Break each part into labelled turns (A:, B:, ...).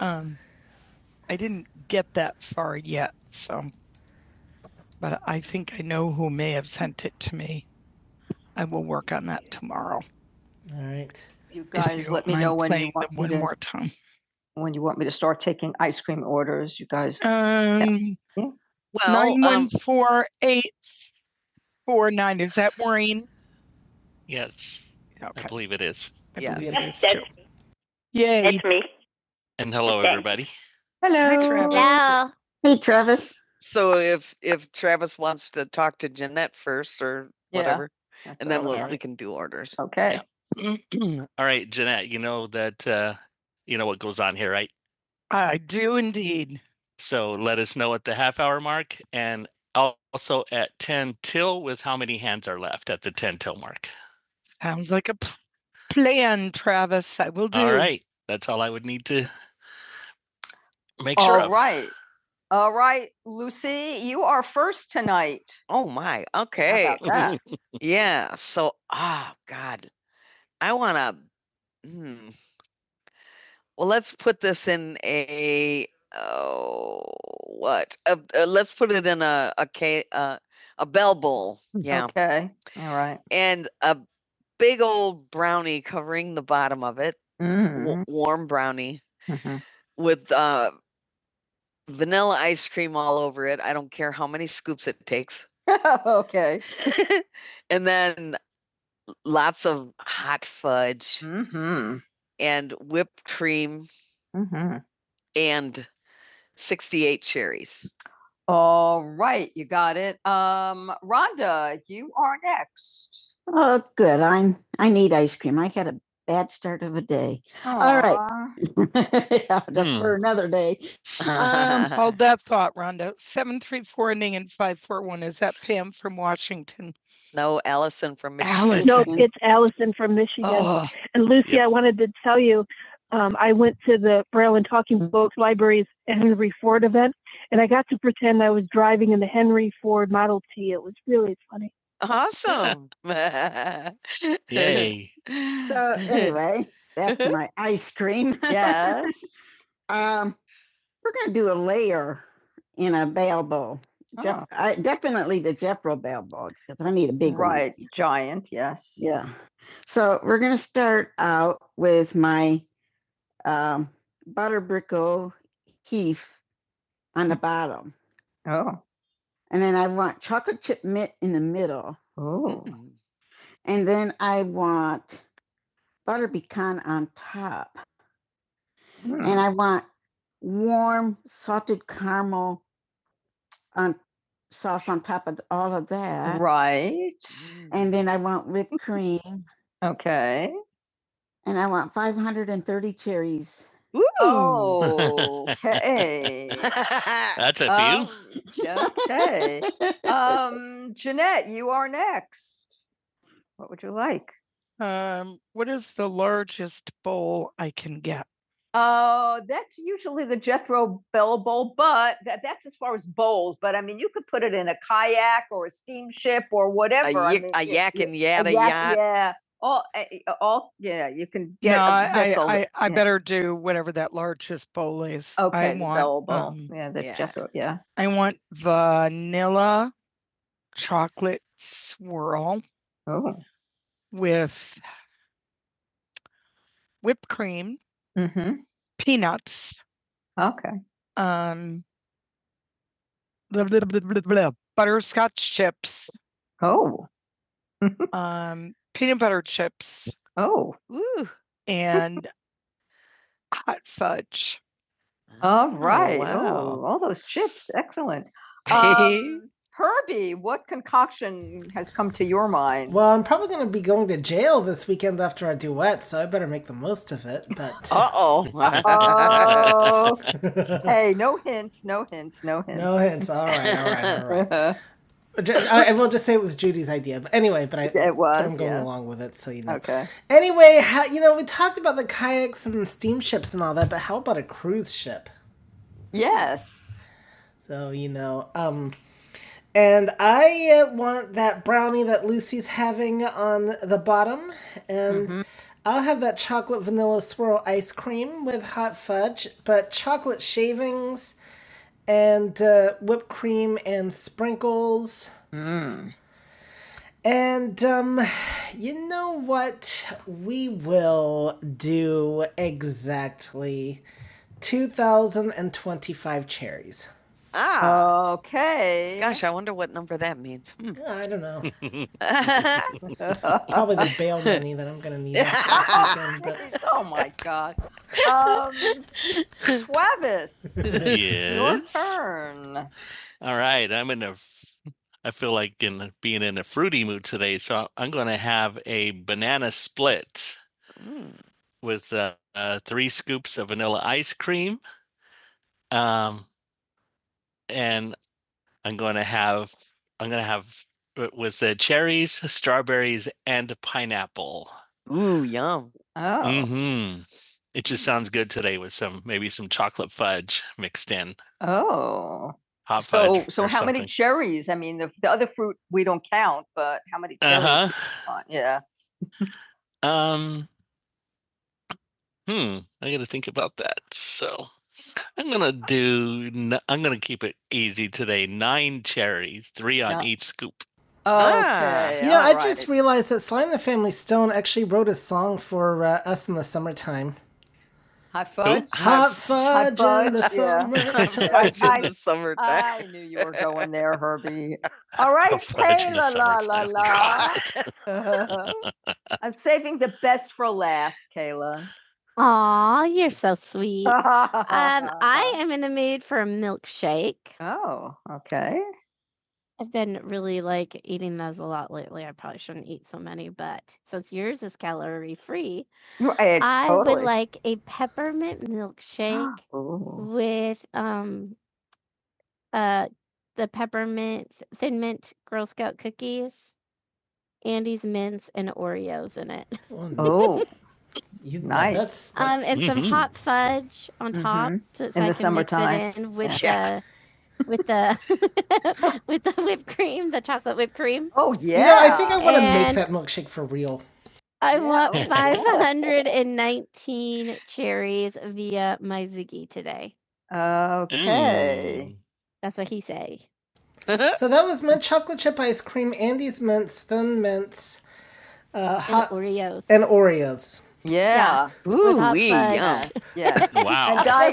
A: Um, I didn't get that far yet, so but I think I know who may have sent it to me. I will work on that tomorrow. All right. You If you guys let me know when you want me one to, more time. when you want me to start taking ice cream orders, you guys. Um, nine Well, nine one four eight four nine. Is that Maureen? Yes, Okay. I Okay, believe it is. I yeah. believe it is Yes, too. Yay! that's me. And hello, Okay. everybody. Hello. Hi, Travis. Hello. Hey, Travis. So if, if Travis wants to talk to Jeanette first or Yeah, whatever, That's and then what we can do orders. Okay, Yeah. All right, Jeanette, you know that, uh, you know what goes on here, right? I do indeed. So let us know at the half hour mark and also at 10 till with how many hands are left at the 10 till mark. Sounds like a plan, Travis. I will do. All right. That's all I would need to make sure all sure of. All right. All right, Lucy, you are first tonight. Oh my. How Okay. How about that? Yeah. So, ah, God, I want to. Hmm. Well, let's put this in a. Oh, what? Uh, uh, let's put it in a a uh, a bell bowl. Yeah, Okay, all right. and a big old brownie covering the bottom of it. wa- Mhm, warm brownie mhm. with uh vanilla ice cream all over it. I don't care how many scoops it takes. okay. and then lots of hot fudge Mm-hmm. and whipped cream Mm-hmm. and 68 cherries. All right, you got it. Um, Rhonda, you are next. Oh, good. I'm, I need ice cream. I had a bad start of a day. Aww. All right. Yeah, That's Hmm. for another day. Um, Hold that thought, Rhonda. Seven three four ending in five four one. Is that Pam from Washington? no, Allison from Michigan. Allison. No, it's Allison from Michigan. Oh, And Lucy, Yep. I wanted to tell you, um, I went to the Braille and Talking Books Libraries Henry Ford event and I got to pretend I was driving in the Henry Ford Model T. It was really funny. Awesome. Yay. So anyway, back to my ice cream. Yes. Um, we're gonna do a layer in a bail bowl. Jef- Oh. Jeff, I, definitely the Jeffro bail bowl because I need a big one. right. one. Giant. Yes. Yeah. So we're gonna start out with my um, butter brickle heaf on the bottom. Oh and then I want chocolate chip mint in the middle, Oh, Mm. and then I want butter pecan on top, mm, and I want warm salted caramel on sauce on top of all of that, right. Mm. and then I want whipped cream, Okay. and I want 530 cherries. Ooh. Oh, okay. That's a few. Um, okay. Um, Jeanette, you are next. What would you like? Um, what is the largest bowl I can get? Oh, uh, that's usually the Jethro Bell Bowl, but that, that's as far as bowls. But I mean, you could put it in a kayak or a steamship or whatever. I y- I mean, a y- yak and yada a yacht. yeah. All, eh, eh, all, yeah. You can get no, a I, vessel. I, I, I yeah. better do whatever that largest bowl is. Okay, I want, Bell Bowl. um, yeah, the yeah. Jethro. Yeah. I want vanilla chocolate swirl. Oh, with whipped cream, Mhm. peanuts, Okay. um, blah, blah, blah, blah, blah, butterscotch chips, Oh. um, peanut butter chips, Oh. ooh, and hot fudge. All Oh, right. Oh, wow. Oh, all those chips. Excellent. Um, Herbie, what concoction has come to your mind? Well, I'm probably going to be going to jail this weekend after our duet, so I better make the most of it. But Uh Oh, oh. hey, no hints, no hints, no hints. no hints. All right, all right, all right. Ju- I I will just say it was Judy's idea, but anyway, but I, it but was. I'm was, going yes. along with it, so you know. Okay. Anyway, how, you know, we talked about the kayaks and steamships and all that, but how about a cruise ship? Yes. So, you know, um, and I uh, want that brownie that Lucy's having on the bottom, and mm-hmm. I'll have that chocolate vanilla swirl ice cream with hot fudge, but chocolate shavings and uh, whipped cream and sprinkles. Mm. And, um, you know what? We will do exactly 2025 cherries. Ah, Okay. gosh, I wonder what number that means. Hmm. I don't know. Probably the bail money that I'm going to need. this weekend, Jeez, oh my god. Um, Travis, yes. your yes. turn. All right. I'm in a. f- i am in ai feel like in being in a fruity mood today, so I'm going to have a banana split Mm. with uh, uh, three scoops of vanilla ice cream, um, and I'm going to have I'm going to have uh, with the cherries, strawberries, and pineapple. Ooh, yum. Oh, hmm It just sounds good today with some maybe some chocolate fudge mixed in, oh. hot So, fudge so or how many something. cherries? I mean, the, the other fruit we don't count, but how many cherries? Uh Uh, yeah. huh. Um. Hmm. I got to think about that. So I'm gonna do. n- I'm gonna keep it easy today. Nine cherries, three on Yeah. each scoop. Ah. Okay. You know, I alright. just alrighty. realized that Sly and the Family Stone actually wrote a song for uh, us in the summertime. High five. Hot fudge in the fudge, yeah. summertime. Fudge in I- the summertime. I knew you were going there, Herbie. All right, A Fudge in the Taylor, la la summertime. God. la. I'm saving the best for last, Kayla. Aw, you're so sweet. Um, I am in the mood for a milkshake. Oh, okay. I've been really like eating those a lot lately. I probably shouldn't eat so many, but since yours is calorie free, Right, I totally. would totally. like a peppermint milkshake with um uh the peppermint thin mint Girl Scout cookies, Andy's mints, and Oreos in it. Oh, you, Nice. That's, that... Um, and mm-hmm. some Mhm. hot fudge on top to, so so In I the can mix summertime. Mix it in with yeah. the with the with the whipped cream, the chocolate whipped cream. Oh yeah. Yeah, I think I want to and... make that milkshake for real. I Yeah. want Oh, 519 cherries via my Ziggy today. Okay. Mm. That's what he say. So that was my chocolate chip ice cream, Andy's mints, thin mints, uh, hot and Oreos. and Oreos. Yeah, Yeah. Ooh hot wee, fudge yum. Yes. Wow. Wow. and Wow. Wow. I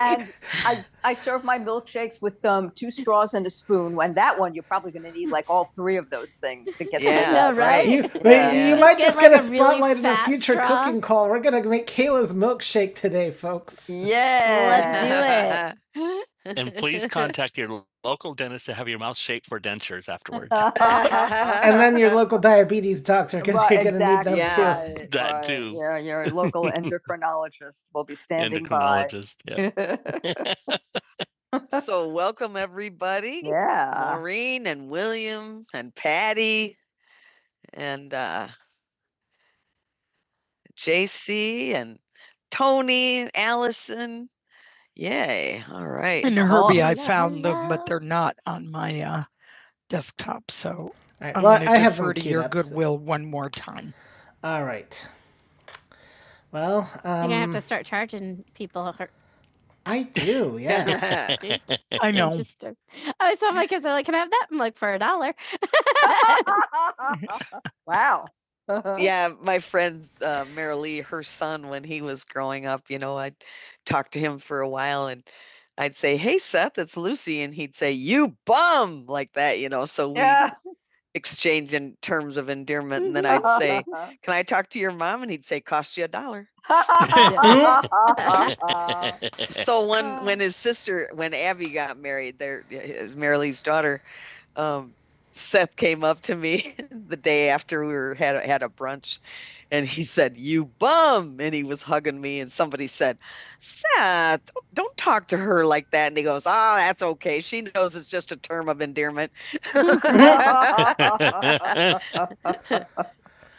A: and I I serve my milkshakes with um two straws and a spoon. And that one you're probably going to need like all three of those things to get the Yeah. right? right? You Yeah. wait, you Yeah. might Get just like get a a spotlight really in a future straw. cooking call. We're gonna make Kayla's milkshake today, folks. Yeah, Let's do Yeah. it. And please contact your local dentist to have your mouth shaped for dentures afterwards. and then your local diabetes doctor because Right, you're going to exactly. need them exactly. yeah, too. right, That right. too. Yeah, your local endocrinologist will be standing by. Endocrinologist. Yeah. yeah. so welcome everybody. Maureen and William and Patty and uh, JC and Tony and Allison. Yay. All right. And Herbie, I found them, but they're not on my uh, desktop. So All right. I'm Well, going to have defer to your up, so- goodwill one more time. All right. Well, um, You're um, gonna have to start charging people. I do. Yeah. I know. Just, uh, I saw my kids are like, "Can I have that?" I'm like, "For a dollar." wow. Uh-huh. Yeah, my friend uh, Mary Lee, her son, when he was growing up, you know, I'd talk to him for a while and I'd say, Hey, Seth, it's Lucy. And he'd say, You bum, like that, you know. So we, Yeah exchange in terms of endearment. And then I'd say, Can I talk to your mom? And he'd say, Cost you a dollar. So when when his sister, when Abby got married, there his Marilee's daughter, um, Seth came up to me the day after we were, had had a brunch, and he said, "You bum," and he was hugging me. And somebody said, "Seth, don't talk to her like that." And he goes, "Oh, that's okay. She knows it's just a term of endearment."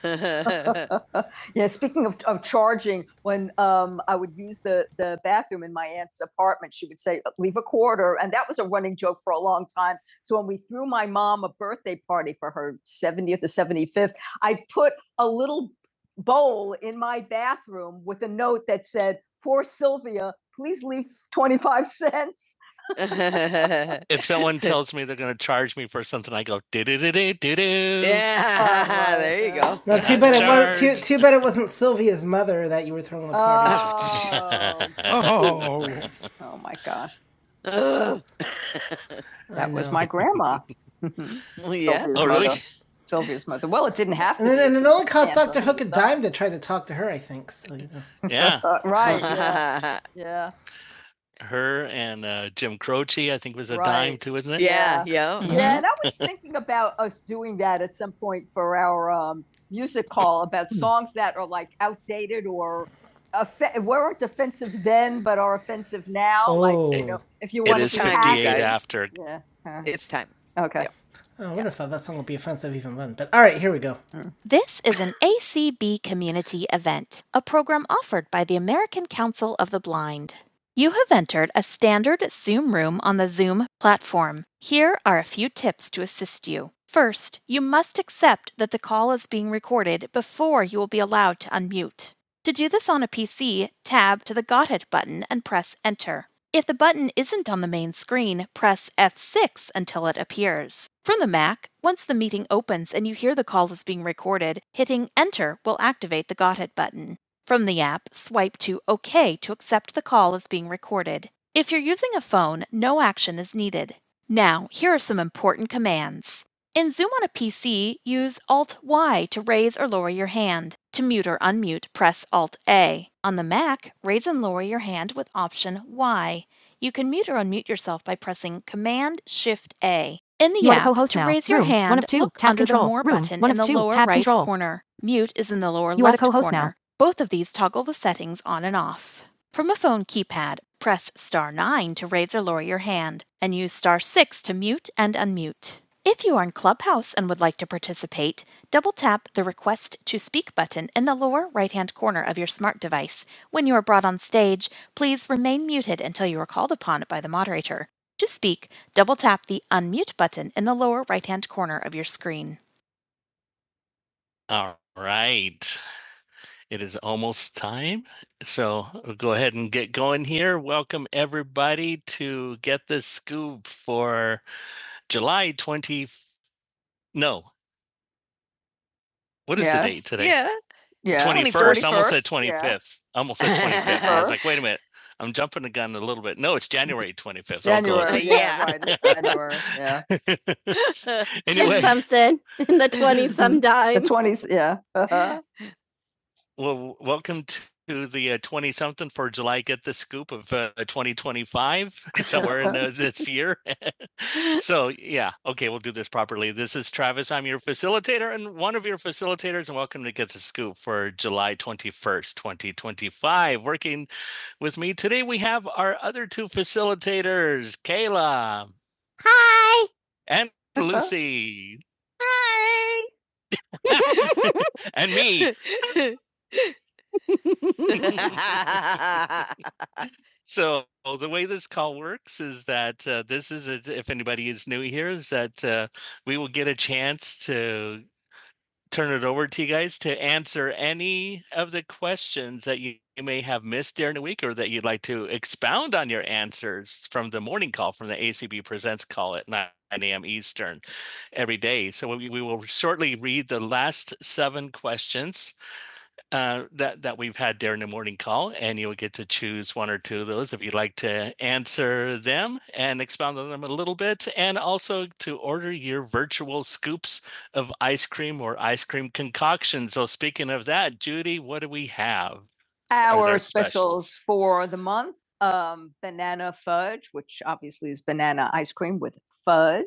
A: Yeah, speaking of, of charging, when um, I would use the, the bathroom in my aunt's apartment, she would say, leave a quarter. And that was a running joke for a long time. So when we threw my mom a birthday party for her 70th or 75th, I put a little bowl in my bathroom with a note that said, for Sylvia, please leave 25 cents. If someone tells me they're going to charge me for something, I go do do do do do do. Yeah, there you go. No, too bad it was too, too bad it wasn't Sylvia's mother that you were throwing the party. Oh, Oh, oh my gosh. Ugh. That was my grandma. Well, yeah. Sylvia's Oh really? mother. Sylvia's mother. Well, it didn't have to And, it- and it only cost Yeah, Doctor Hook a dime to try to talk to her. I think so. You know. Yeah. right. Yeah. yeah. Her and uh, Jim Croce, I think, was a right. dime Right. too, isn't it? Yeah, Yeah. yeah. Mhm. Yeah, and I was thinking about us doing that at some point for our um, music call about songs that are like outdated or offe- weren't offensive then but are offensive now. Oh. Like, you Oh. know, if you want is to be 58 happy. guys. after. Yeah. huh. It's time. Okay. Yep. Oh, I would have yeah. thought that song would be offensive even then. But all right, here we go. This is an ACB community event, a program offered by the American Council of the Blind. You have entered a standard Zoom room on the Zoom platform. Here are a few tips to assist you. First, you must accept that the call is being recorded before you will be allowed to unmute. To do this on a PC, tab to the Got It button and press Enter. If the button isn't on the main screen, press F6 until it appears. From the Mac, once the meeting opens and you hear the call is being recorded, hitting Enter will activate the Got It button. From the app, swipe to OK to accept the call as being recorded. If you're using a phone, no action is needed. Now, here are some important commands. In Zoom on a PC, use Alt Y to raise or lower your hand. To mute or unmute, press Alt A. On the Mac, raise and lower your hand with Option Y. You can mute or unmute yourself by pressing Command Shift A. In the app, to raise your hand, of look under the More button in the lower right corner. Mute is in the lower left corner. Both of these toggle the settings on and off. From a phone keypad, press star 9 to raise or lower your hand, and use star 6 to mute and unmute. If you are in Clubhouse and would like to participate, double tap the Request to Speak button in the lower right hand corner of your smart device. When you are brought on stage, please remain muted until you are called upon by the moderator. To speak, double tap the Unmute button in the lower right hand corner of your screen. All right. It is almost time, so I'll go ahead and get going here. Welcome everybody to Get the Scoop for July 20, no, what is yeah. the Yeah. date today? Yeah. Yeah. 21st, I almost said 25th. I Almost said 25th. I was Sure. like, wait a minute, I'm jumping the gun a little bit. No, it's January 25th. January. Yeah. January. Yeah. it. Anyway, It's something in the twenties. some The twenties. Yeah. Uh-huh. Well, welcome to the twenty something for July. Get the scoop of uh, twenty twenty five somewhere in the, this year. so yeah, okay, we'll do this properly. This is Travis. I'm your facilitator and one of your facilitators, and welcome to Get the Scoop for July twenty first, twenty twenty five. Working with me today, we have our other two facilitators, Kayla Hi. and Lucy, and me, So the way this call works is that uh, this is a, if anybody is new here, is that uh, we will get a chance to turn it over to you guys to answer any of the questions that you, you may have missed during the week or that you'd like to expound on your answers from the morning call from the ACB Presents call at 9 a.m. Eastern every day. So we, we will shortly read the last seven questions uh, that that we've had there in the morning call, and you'll get to choose one or two of those if you'd like to answer them and expound on them a little bit, and also to order your virtual scoops of ice cream or ice cream concoctions. So speaking of that, Judy, what do we have? Those our specials. specials for the month. Um, banana fudge, which obviously is banana ice cream with fudge,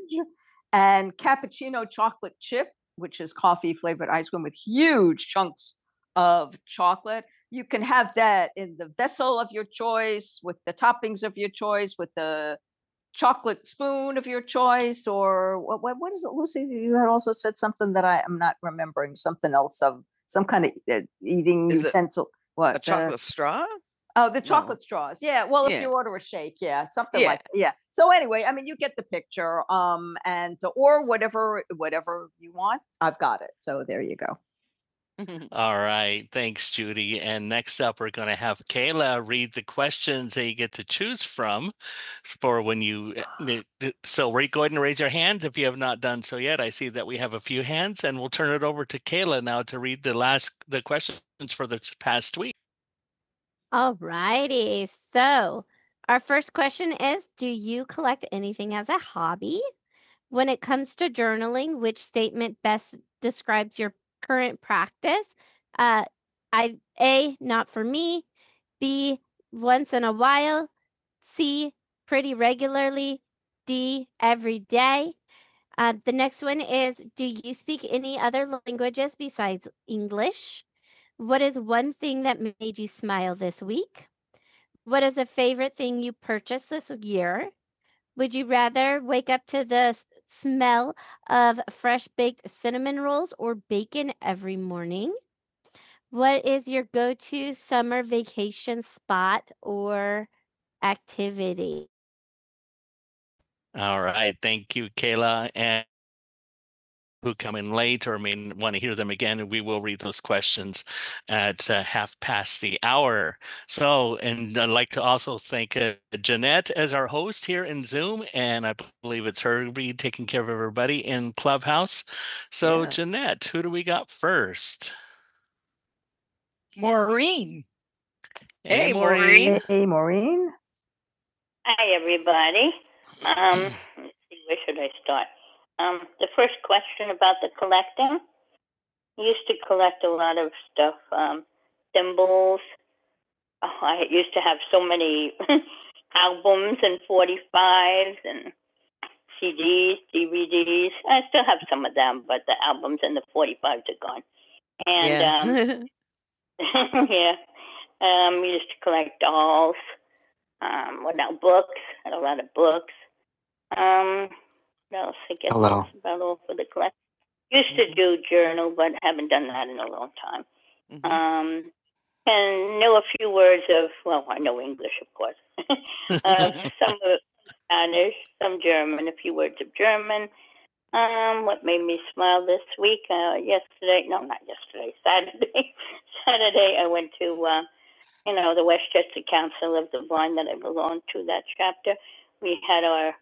A: and cappuccino chocolate chip, which is coffee flavored ice cream with huge chunks of chocolate. You can have that in the vessel of your choice, with the toppings of your choice, with the chocolate spoon of your choice, or what, what, what is it, Lucy? You had also said something that I am not remembering, something else of some kind of uh, eating Is utensil. What? A uh, chocolate uh, straw? Oh, the No. chocolate no. straws. Yeah. Well, yeah. if Yeah. you order a shake, yeah, something Yeah. like that. yeah. So anyway, I mean, you get the picture, um, and or whatever, whatever you want. I've got it. So there you go. All right. Thanks, Judy. And next up, we're going to have Kayla read the questions that you get to choose from for when you. So we're going to raise your hands if you have not done so yet. I see that we have a few hands and we'll turn it over to Kayla now to read the last, the questions for this past week. All righty. So, our first question is Do you collect anything as a hobby? When it comes to journaling, which statement best describes your current practice? Uh, I A, not for me. B, once in a while. C, pretty regularly. D, every day. Uh, the next one is Do you speak any other languages besides English? What is one thing that made you smile this week? What is a favorite thing you purchased this year? Would you rather wake up to the s- smell of fresh baked cinnamon rolls or bacon every morning? What is your go to summer vacation spot or activity? All right. Thank you, Kayla. And who come in late or may want to hear them again, and we will read those questions at uh, half past the hour. So, and I'd like to also thank uh, Jeanette as our host here in Zoom, and I believe it's her be taking care of everybody in Clubhouse. So, Yeah. Jeanette, who do we got first? Maureen. Hey, Hey, Maureen. Maureen. hey, Maureen. Um, um, use them album files and CDs, DVDs. I still have some of them, but they're gone. And yeah. um, uh, Mm, no.
B: Hello.
A: Used to do journal and that. Mm-hmm. Uh, you were Uh, some were Spanish, some German. If you were German, um, uh, you know, we are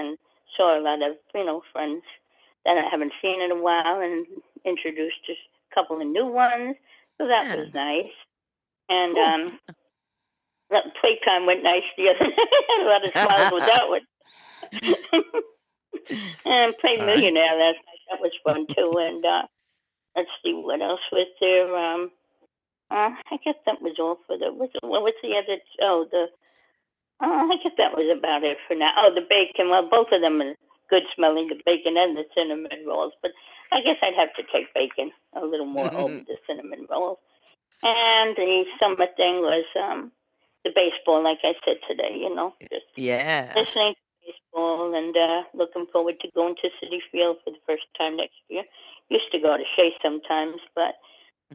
A: thickened and interest couples. So that yeah. was nice, and cool. um, a lot of smiles with that. And play All right. millionaires right. one too, and uh, let's see what else was there. Um, uh, I guess that was all for the. What's, what the other? Oh, the. Uh, I guess that was about it for now. Oh, the bacon. Well, both of them are good smelling. The bacon. cinnamon rolls, but I guess I'd have to take bacon a little more over the cinnamon rolls. No, just yeah. listen.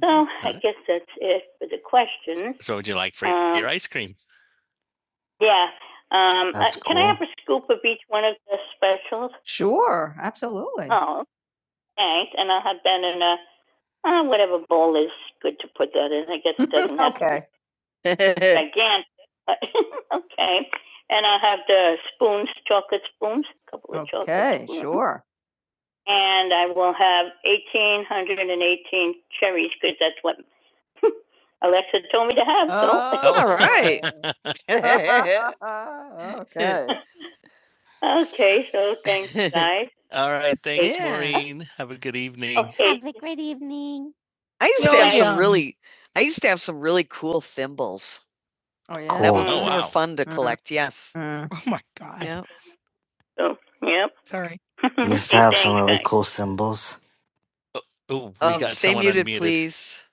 A: No, I Uh, guess So would you like for Um, your ice cream?
B: That's cool.
A: the specials. Sure, absolutely. Oh, no, oh, good. It doesn't have okay. be a couple of Okay, you sure. What you want me to have? Uh, so. Oh, okay. Okay, so thanks, guys. All right. Thanks, Yeah. Maureen. Have a good evening. Okay, Have a great evening. I used to No, have I, some um, really, I used to have some really cool thimbles. Oh yeah. That was
B: Cool.
A: Oh, they wow. were wow. fun to Uh, collect. Yes. Uh, Oh my god. Yeah. so, yep. Sorry.
B: You used to
A: okay,
B: have some
A: thanks,
B: really
A: guys.
B: cool symbols.
A: Oh, we Um, got stay someone muted, unmuted. please.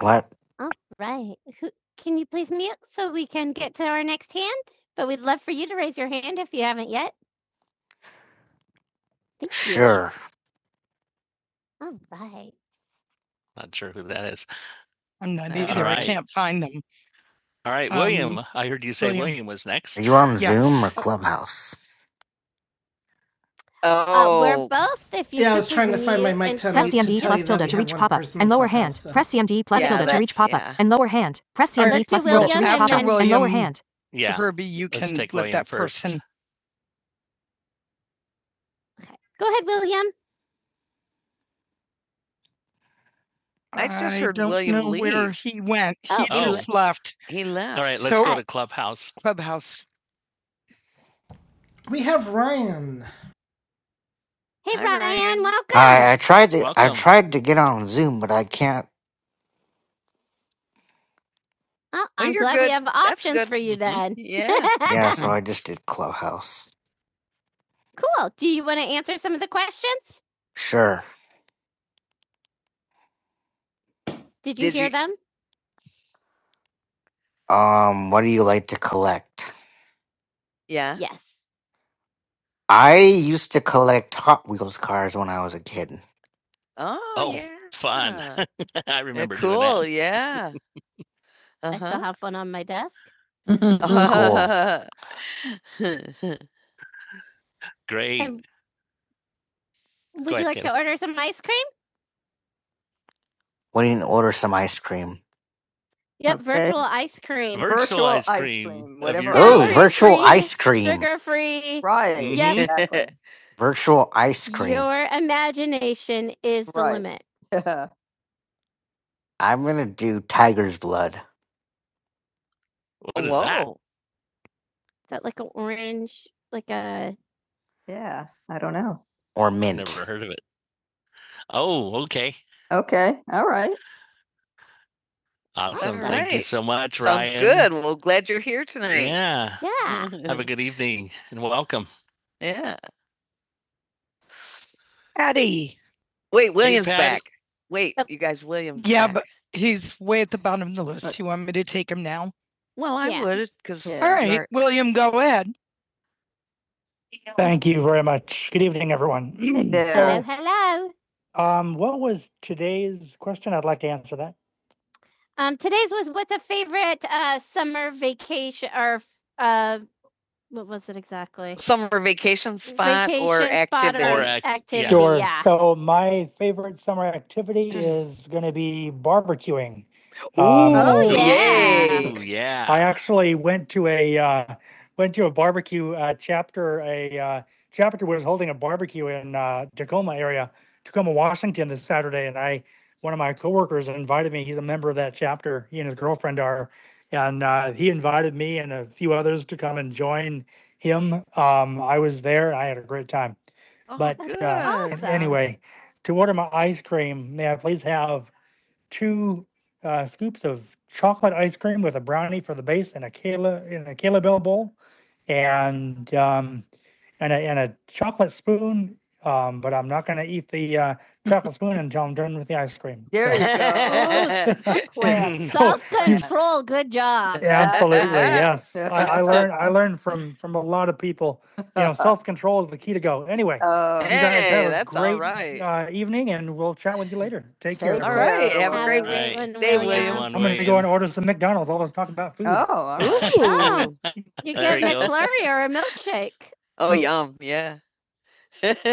B: What?
A: All right. Who, can you please mute so we can get to our next hand? But we'd love for you to raise your hand if you haven't yet. Thank you.
B: Sure.
A: All right. Not sure who that is. I'm not Uh, All either. I right. can't find them. All right, Um, William. I heard you say William. William was
B: Are
A: next.
B: you on Zoom or
A: Yes.
B: Clubhouse?
A: Oh, Uh, we're Oh, both. If you Yeah, I could was just trying to find my mute mic and ten stop Press select. C M D to CMD tell plus you not tilde to to have reach one pop-up person and in lower hand. clubhouse, hand. so- Press CMD plus Yeah, tilde to that- reach that's pop-up yeah. and lower hand. Press Or CMD let's plus do plus tilde to William reach and after pop-up then- and lower William. hand. Yeah. Herbie, you Let's can take let William that first. person. Okay. Go ahead, William. I just I heard don't William know Where leave. he went. He Oh. Oh, just left He left. All right, left. let's So- go I, to Clubhouse. Clubhouse. We have Ryan. Hey, Hi, Brian, Ryan. welcome.
B: I I tried to I
A: Welcome.
B: tried to get on Zoom, but I can't.
A: Oh, Oh, I'm you're glad good. we have options for you Mhm. then.
B: Yeah, so
A: Yeah.
B: I just did Clubhouse.
A: cool. Do you want to answer some of the questions?
B: Sure.
A: Did you Did hear you- them?
B: Um, what do you like to collect?
A: Yeah. Yes.
B: I used to collect Hot Wheels cars when I was a kid.
A: Oh, Oh, yeah. fun. I Yeah, remember doing that. cool. Yeah. Uh-huh. I still Uh-huh. have fun on my desk.
B: Cool.
A: uh-huh. Great. And would ahead, you ahead, like Kayla. to order some ice cream?
B: Why didn't you order some ice cream?
A: Yep, Okay. virtual ice cream. virtual, virtual ice ice cream. cream, of whatever your ice
B: Oh,
A: choice. cream.
B: virtual
A: Calorie free,
B: ice cream.
A: sugar free. right. Yes. Exactly.
B: Virtual ice cream.
A: Your imagination is the Right. limit.
B: I'm gonna do tiger's blood
A: Is Yeah. What is that? Whoa. Is that like an orange, like a Yeah. I don't know.
B: or
A: I've
B: mint.
A: never heard of it. Oh, okay. Okay. All right. All Awesome. Thank you right. so much, Sounds Ryan. good. Well, glad you're here tonight. Yeah. yeah. Have a good evening and welcome. yeah. Patty. Wait, Hey, William's Patty. back. Wait, Oh. you guys, Williams. Yeah, back. but he's way at the bottom of the Uh, list. You want me to take him now? well, I Yeah. would because Yeah. All right, you're William, go ahead. Thank you very much. Good evening, everyone. Hello, hello. Um, what was today's question? I'd like to answer that. Um, today's was what's a favorite uh summer vacation or uh what was it exactly? Summer vacation spot Vacation or spot activity. Or act- activity. yeah. Sure. Yeah. So my favorite summer activity is going to be barbecuing. Um, Oh, yeah. Ooh, yeah. I actually went to a uh, went to a barbecue uh, chapter a uh, Gallagher was holding a barbecue in uh, Tacoma area, Tacoma, Washington, this Saturday, and I, one of my coworkers invited me. He's a member of that chapter. He and his group are, and uh, he invited me and a few others to come and join him. Um, I was there. I had a great time. Oh, but uh, awesome. anyway, to order my ice cream, may I please have two uh, scoops of chocolate ice cream with a brownie for the base and a Kayla in a Kayla Bell bowl and um, and a and a chocolate spoon. Um, but I'm not gonna eat the uh, chocolate spoon until I'm done with the ice cream. There so- it is. So- Quick. Self-control, good job. Absolutely, yes. I, I learned I learned from from a lot of people. You know, self control is the key to go. Anyway, Oh, you guys Hey, a that's all great, all right. Uh, evening, and we'll chat with you later. Take care. All right, have a great Have a day. great Day, William. I'm gonna go and order some McDonald's. All this talk about food. Oh, Oh, you There get you go. McFlurry or a milkshake. Oh, Oh. yum. Yeah.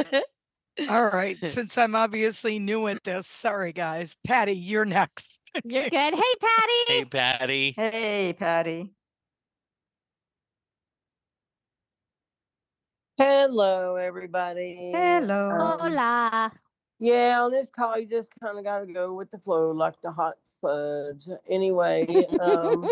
A: All right, since I'm obviously new at this, sorry guys. Patty, you're next. You're good. Hey, Patty. hey, Patty. Patty. Hey, Patty. Hello, everybody. Hello. Um, Hola. Yeah, on this call, you just kind of got to go with the flow like the hot fudge. Anyway, um,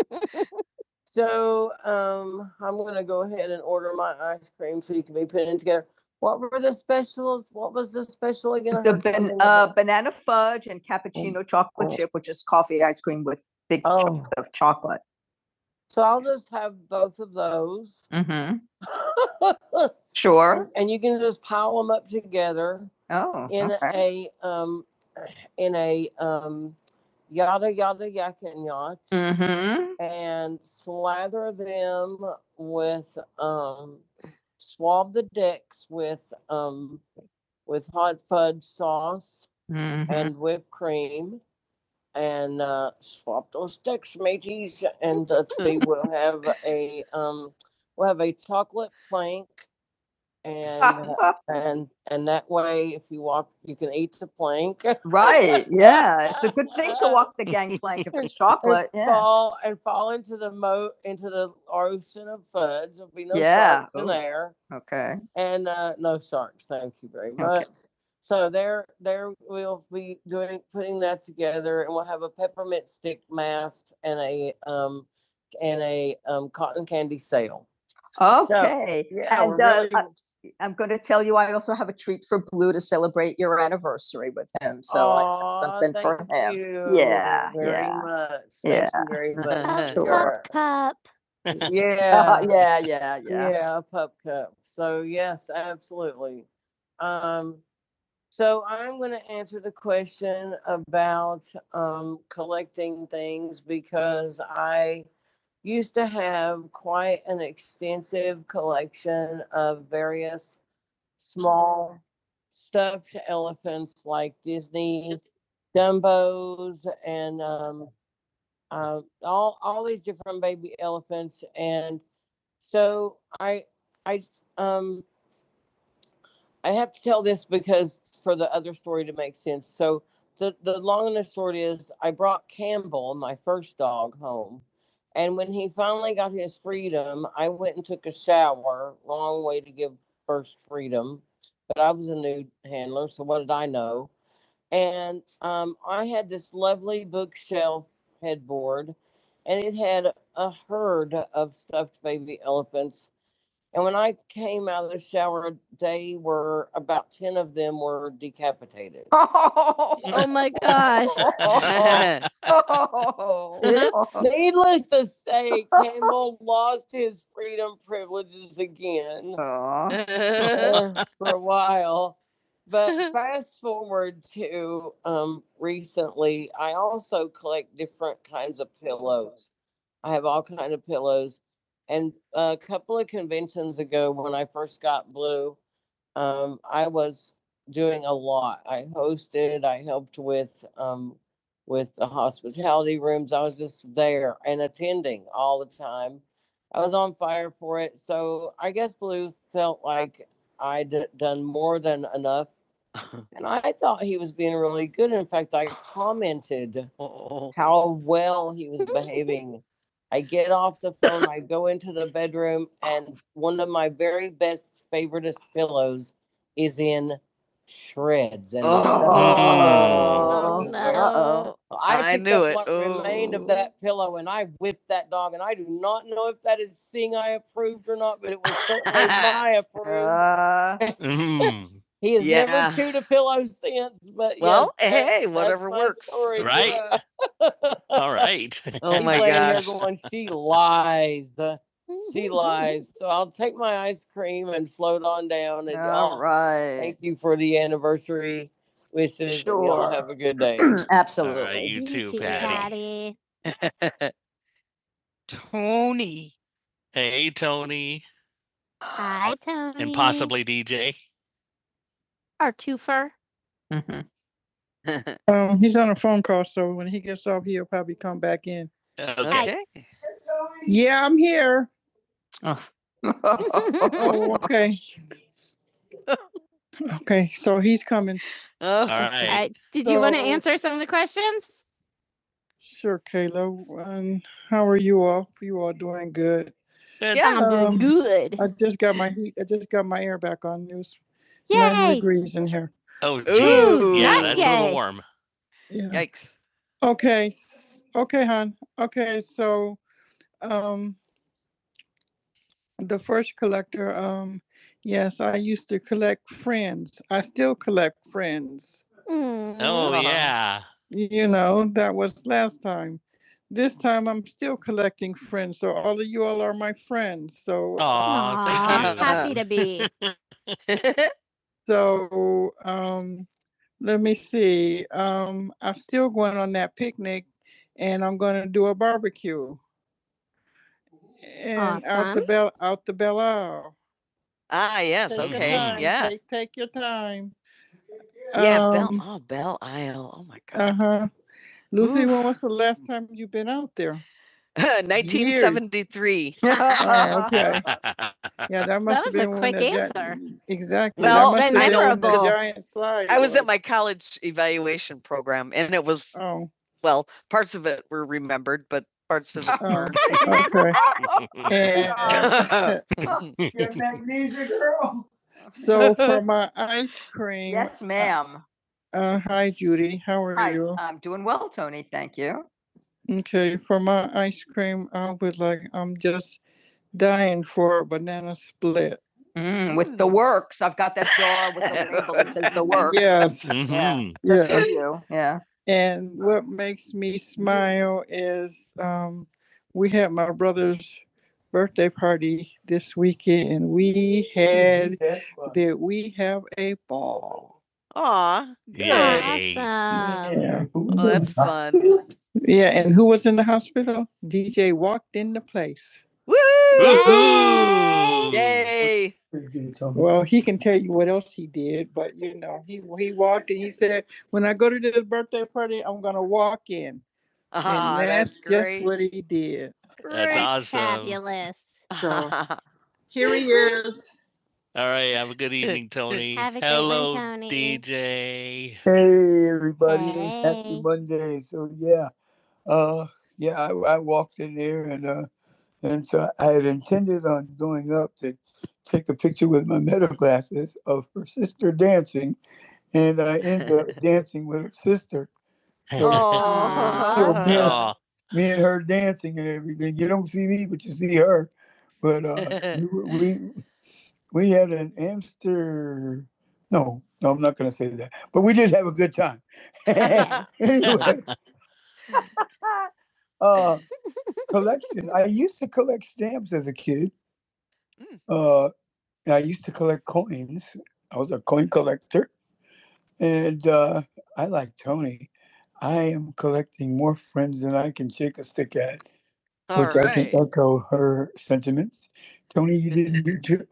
A: So um, I'm gonna go ahead and order my ice cream so you can be putting it together. What were the specials? What was the special again? The ban- uh, banana fudge and cappuccino chocolate oh. chip, which is coffee ice cream with big Oh. chunks of chocolate. So I'll just have both of those. Mm-hmm. Sure. And you can just pile them up together Oh, in okay. a, um, in a, um, yada yada yak and yacht Mm-hmm. and slather them with um, um with mm-hmm. and and and, and Right. Yeah. It's a good thing to walk the gangplank if it's chocolate. Yeah. fall into the the orange. There'll be no Yeah. in there, Okay. and uh, not very much. Okay. So and a um and a Okay. So, Yeah, And we uh, really- I- am going to tell you, I also have a treat for Blue to celebrate your anniversary with him. So Aww, I have something for him. you Yeah, Very yeah. much. Thank Yeah. you very much. Sure. Sure. Pup. Yeah. yeah, yeah, yeah. Yeah, yes, absolutely. Um, so I'm gonna answer the question about, um, collecting things because I used to have quite an extensive collection of various small stuffed elephants like Disney and um, uh, all all these different baby elephants. And so I I um I have to tell this because for the other story to make sense. So the the long and the short is I brought Campbell, my first dog, home And when he finally got his freedom, I went and took a shower. Long way to give first freedom, but I was a nude handler, so what did I know? And um, I had this lovely bookshelf headboard, and it had a herd of stuffed baby elephants and when I came out of the shower, they were about 10 of them were decapitated. Oh oh my gosh. oh, oh, oh. Needless to say, Campbell lost his freedom privileges again uh, for a while. But fast forward to um, recently, I also collect different kinds of pillows. I have all kinds of pillows a couple of conventions ago when I first got blue, um, I was doing a lot. I hosted, I helped with um, with the hospitality rooms. I was just there and attending all the time. I was like, uh, and I thought he like calmed Oh, how I was behaving. I get off the phone, I go to the bedroom, and once this is in Reds. And Oh. Oh, no. Uh-oh. I, I knew it. What Ooh. remained of that pillow, and I whipped that dog. And I do not know if that is seeing I approved or not, but it was certainly my approved. Uh, Mm. He has Yeah. never chewed a pillow since, but yes, Well, that- hey, that's whatever my works. story. Right. Yeah. All right. Oh my gosh. going, she lies. She lies. So I'll take my ice cream and float on down. And all right. thank you for the anniversary wishes. and Y'all Sure. have a good day. Absolutely. All right, Absolutely. you too, too, Patty. Patty. Tony. Hey, Tony, Hi, Tony. and possibly DJ. Our twofer. Mm-hmm. Um, he's on a phone call, so when he gets off, he'll probably come back in. Okay. Hi. Okay. Yeah, I'm here. Oh, okay. Okay, so he's coming. Oh, all right. Uh, did you so, want to So- answer some of the questions? Sure, Kayla. And how are you all? You all doing good? Good. Yeah. I'm um, doing Um, good. I just got my heat. I just got my air back on. It was Yay. nine degrees in here. Oh, jeez. Yeah, Not that's yay. a little warm. Yeah. yikes. Okay, okay, hon. Okay, so um, the first collector. Um, yes. I- Mm. Oh, yeah. So all, Oh, thank you. Happy to be. um, um, out on that picnic and gonna do a barbecue and out the Awesome. bell out the Belle Isle. ah, yes. Take your Okay. time, Yeah. Take, take your time. Yeah. Bell. Um, Oh, Belle Isle. Oh my God. uh huh. Lucy, Ooh. when was the last time you have been out there? 1973. Ah, okay. Yeah, that must that was have been when quick the Gi- answer. Exactly. that exactly. Well, that must have I have been when the memorable. Giant slide. I was or... at my college evaluation program and it was, Oh, well, parts of it were remembered, but parts of it were. oh, okay. And You're a magnesia girl. so for my ice cream, Yes, ma'am. uh, hi Judy, how are Hi, you? I'm doing well, Tony. Thank you. Okay, for my ice cream, I would like, I'm just dying for a banana split. Mm, with the works. I've got that jar with the label that says the works. Yes. Mm-hmm. Yeah. Mhm. Just Yeah. for you. Yeah. And what makes me smile is birthday had the all. Aw, Yay. Awesome. Yeah. oh, that's fun. yeah, and who was in the middle? DJ walked in the place. Woo! Woohoo! Yay! Well, he can tell you what else he did, but you know, he he walked and he said, "When I go to this birthday party, I'm gonna walk in," Ah, and that's that's just what he did. That's awesome. Fabulous. So Here he is. All right. Have a good evening, Tony. Have a good one, Hello, evening, Tony. DJ. Hey everybody! Happy Hey. Happy Monday! So yeah, uh, yeah, I, I walked in there and uh, and so I had intended on going up to take a picture with my meta glasses of her sister, and I ended up dancing Oh. Oh. me and her. But uh, we, we had an an- no, don't do that. But we did time anyway. Uh, collection. I used to collect as a kid. Uh, used to collect. I was there and collect, All which right. I right. can occur. You didn't do too.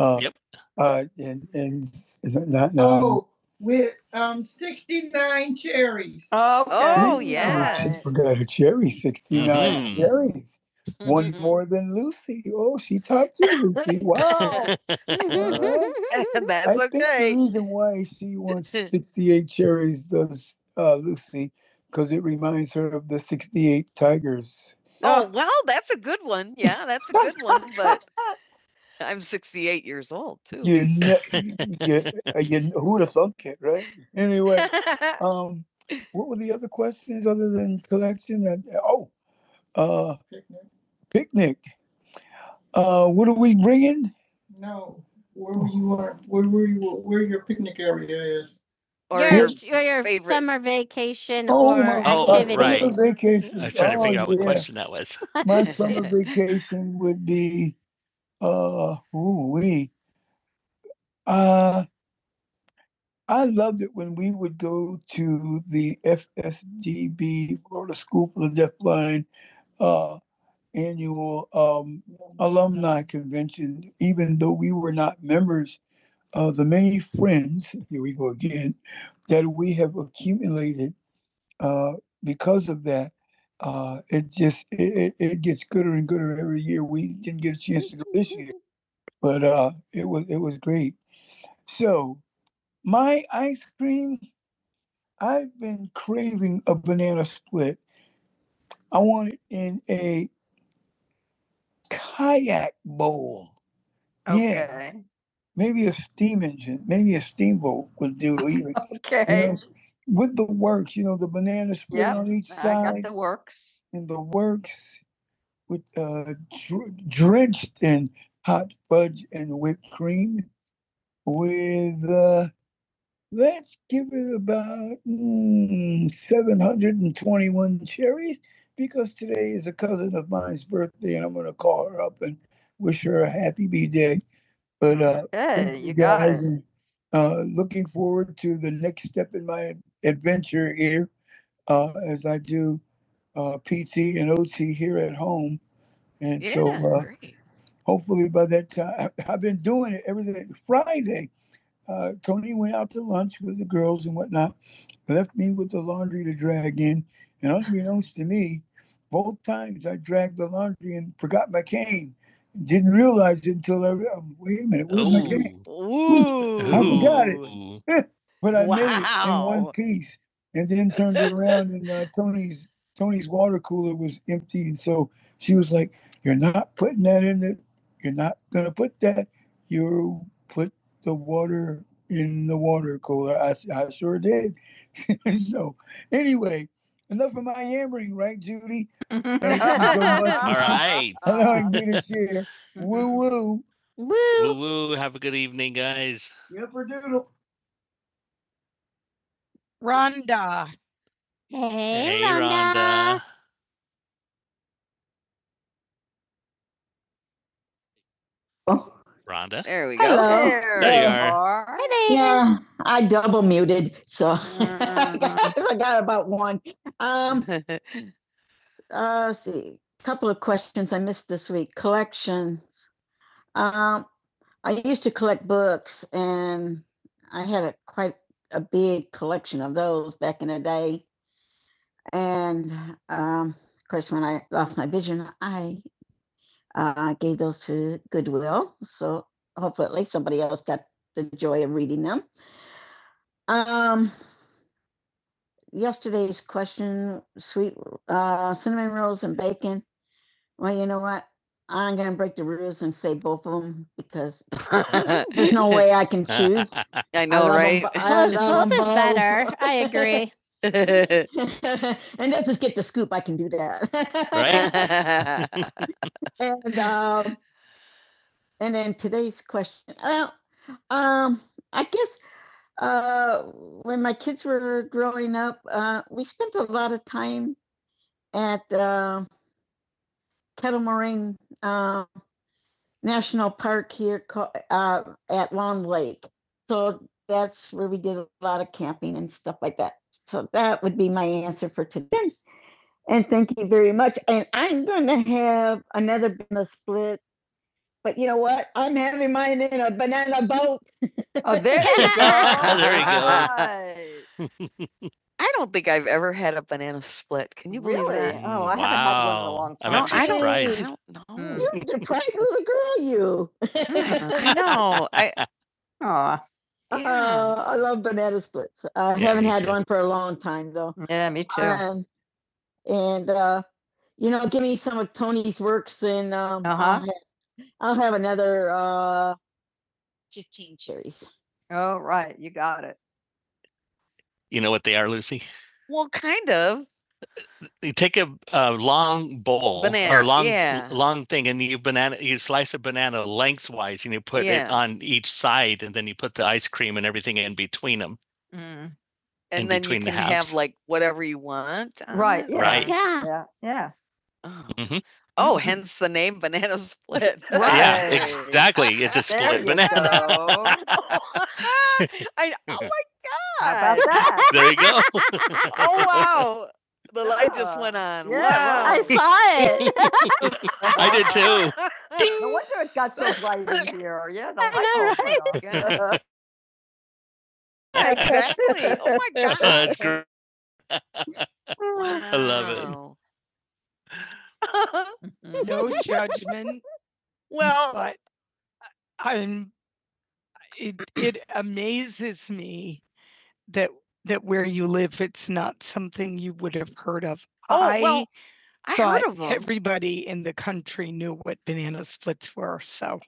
A: Uh, Yep. Uh, and and not, no, oh. um, sixty-nine cherries. Oh, Oh, okay. Oh, yeah. She forgot her cherry, 69 Mhm. cherries. Mm-hmm. One Mhm. more Lucy. Oh, she topped you, Lucy. Wow. Alright. I That's think the okay. reason why she wants 68 cherries does uh, Lucy because it reminds her of the 68 Tigers. Oh, well, that's a good one. Yeah, that's a good one. But I'm 68 years old too. You, so. ne- you, uh, you- who'd have thunk it, right? Anyway, um, what were the other questions other than collection? And- Oh, uh, picnic. picnic. Uh, what are we bringing? No, where were you, are, where were you, where your picnic area is? or your your, your, favorite- summer vacation Oh, or my activity. Oh, right. summer vacation. I was trying to Oh, figure oh, out what yeah. question that was. My summer vacation would be, uh, ooh, we, uh, I loved it when we would do uh, annual um, alums and even and that it, uh, because of that, uh, it's, it, it, it didn't get a chance to go this year, but uh, it was it was great. So I, I I've been craving a banana split. I want it in a kayak bowl. Yeah. Okay. Maybe a steam engine, maybe a steamboat would do. or even, you Okay. You know, with the works, you know, the banana split Yep, on each side. I got the works. and the works with uh, drenched in hot fudge and whipped cream. With uh, let's give it about mm, 721 cherries because today is a cousin of mine's birthday and I'm gonna call her up and wish her a happy b day. But uh, Okay, Thank you guys got it. Uh, looking forward to the next step in my adventure here uh, as I do uh, PT and OT here at home. And yeah, so Yeah, uh, hopefully by that time, I've been doing it every day. Friday, uh, Tony went out to lunch with the girls and whatnot, left me with the laundry to drag in. And unbeknownst to me, both times I dragged the laundry and forgot my cane. Didn't realize it until I, wait a minute, where's my cane? Oh. I forgot it but I wow. made it in one Wow. piece, and then turned it around, and uh, Tony's Tony's water cooler was empty, and so she was like, "You're not putting that in the. You're not gonna put that. You put the water." In the water cooler, I I sure did. so, anyway, enough of my yammering, right, Judy? Thank you so much. All right. Allowing me to share. Woo woo. Woo woo. Have a good evening, guys. Yipper doodle. Rhonda. Hey, Hey, Rhonda. Rhonda. Oh, Rhonda. There we go. Hello. There, There you are. Hi, baby. yeah, I double muted, so Mm. I got I got about one. Um, uh, let's see, a couple of questions I missed this week. Collections. Um, I used to collect books, and I had a quite a big collection of those back in the day. And um, of course, when I lost my vision, I uh, gave those to Goodwill. So hopefully somebody else got the joy of reading them. Um, yesterday's question, sweet uh, cinnamon rolls and bacon. Well, you know what? I'm going to break the rules and say both of them because there's no way I can choose. I know, love 'em right? bo- I Both, both is both. better. I agree. and let's just get the scoop. I can do that. Right. and um, And then today's question. Well, um, I guess uh, when my kids were growing up, uh, we spent a lot of time at uh, Kettle Moraine uh, National Park here uh, at Long Lake. So that's where we did a lot of camping and stuff like that. So that would be my answer for today. And thank you very much. And I'm going to have another business split but you know what? I'm having mine in a banana boat. Oh, there you go. There you go. I don't think I've ever had a banana split. Can you believe Really? that? Oh, I wow. haven't had one in a long time. I'm actually surprised. I don't know. You deprived little girl, you. I know. I Aw, yeah. Uh, I love banana splits. I Yeah, haven't had too. one for a long time though. yeah, me too. Um, and uh, you know, give me some of Tony's works, and um, uh-huh. I'll, uh I'll have another uh, fifteen cherries. Oh, right, you got it. You know what they are, Lucy? Well, kind of. You take a, a long bowl banana, or long yeah. long thing, and you banana you slice a banana lengthwise, and you put yeah. it Yeah. on each side, and then you put the ice cream and everything in between them. Mm, And then you can the have like whatever you want. Right, yeah. Right. Yeah. yeah, yeah. Oh. hmm Oh, Mm. hence the name banana split. Yeah, Right. exactly. It's a There split you banana. go. I oh How about my about god. that? there you go. Oh wow. The light just went Yeah. on. Yeah, well, I Wow. saw it. I did too. No Ding. wonder it got so bright in here. Yeah, the I know, light bulb went right? off. Yeah. Yeah, exactly. Oh my god. That's God. great. I love it. Wow. No judgment, well, but I'm it it amazes me that that where you live, it's not something you would have heard of. Oh, I well, I thought heard of them. everybody in the country knew what banana splits were, so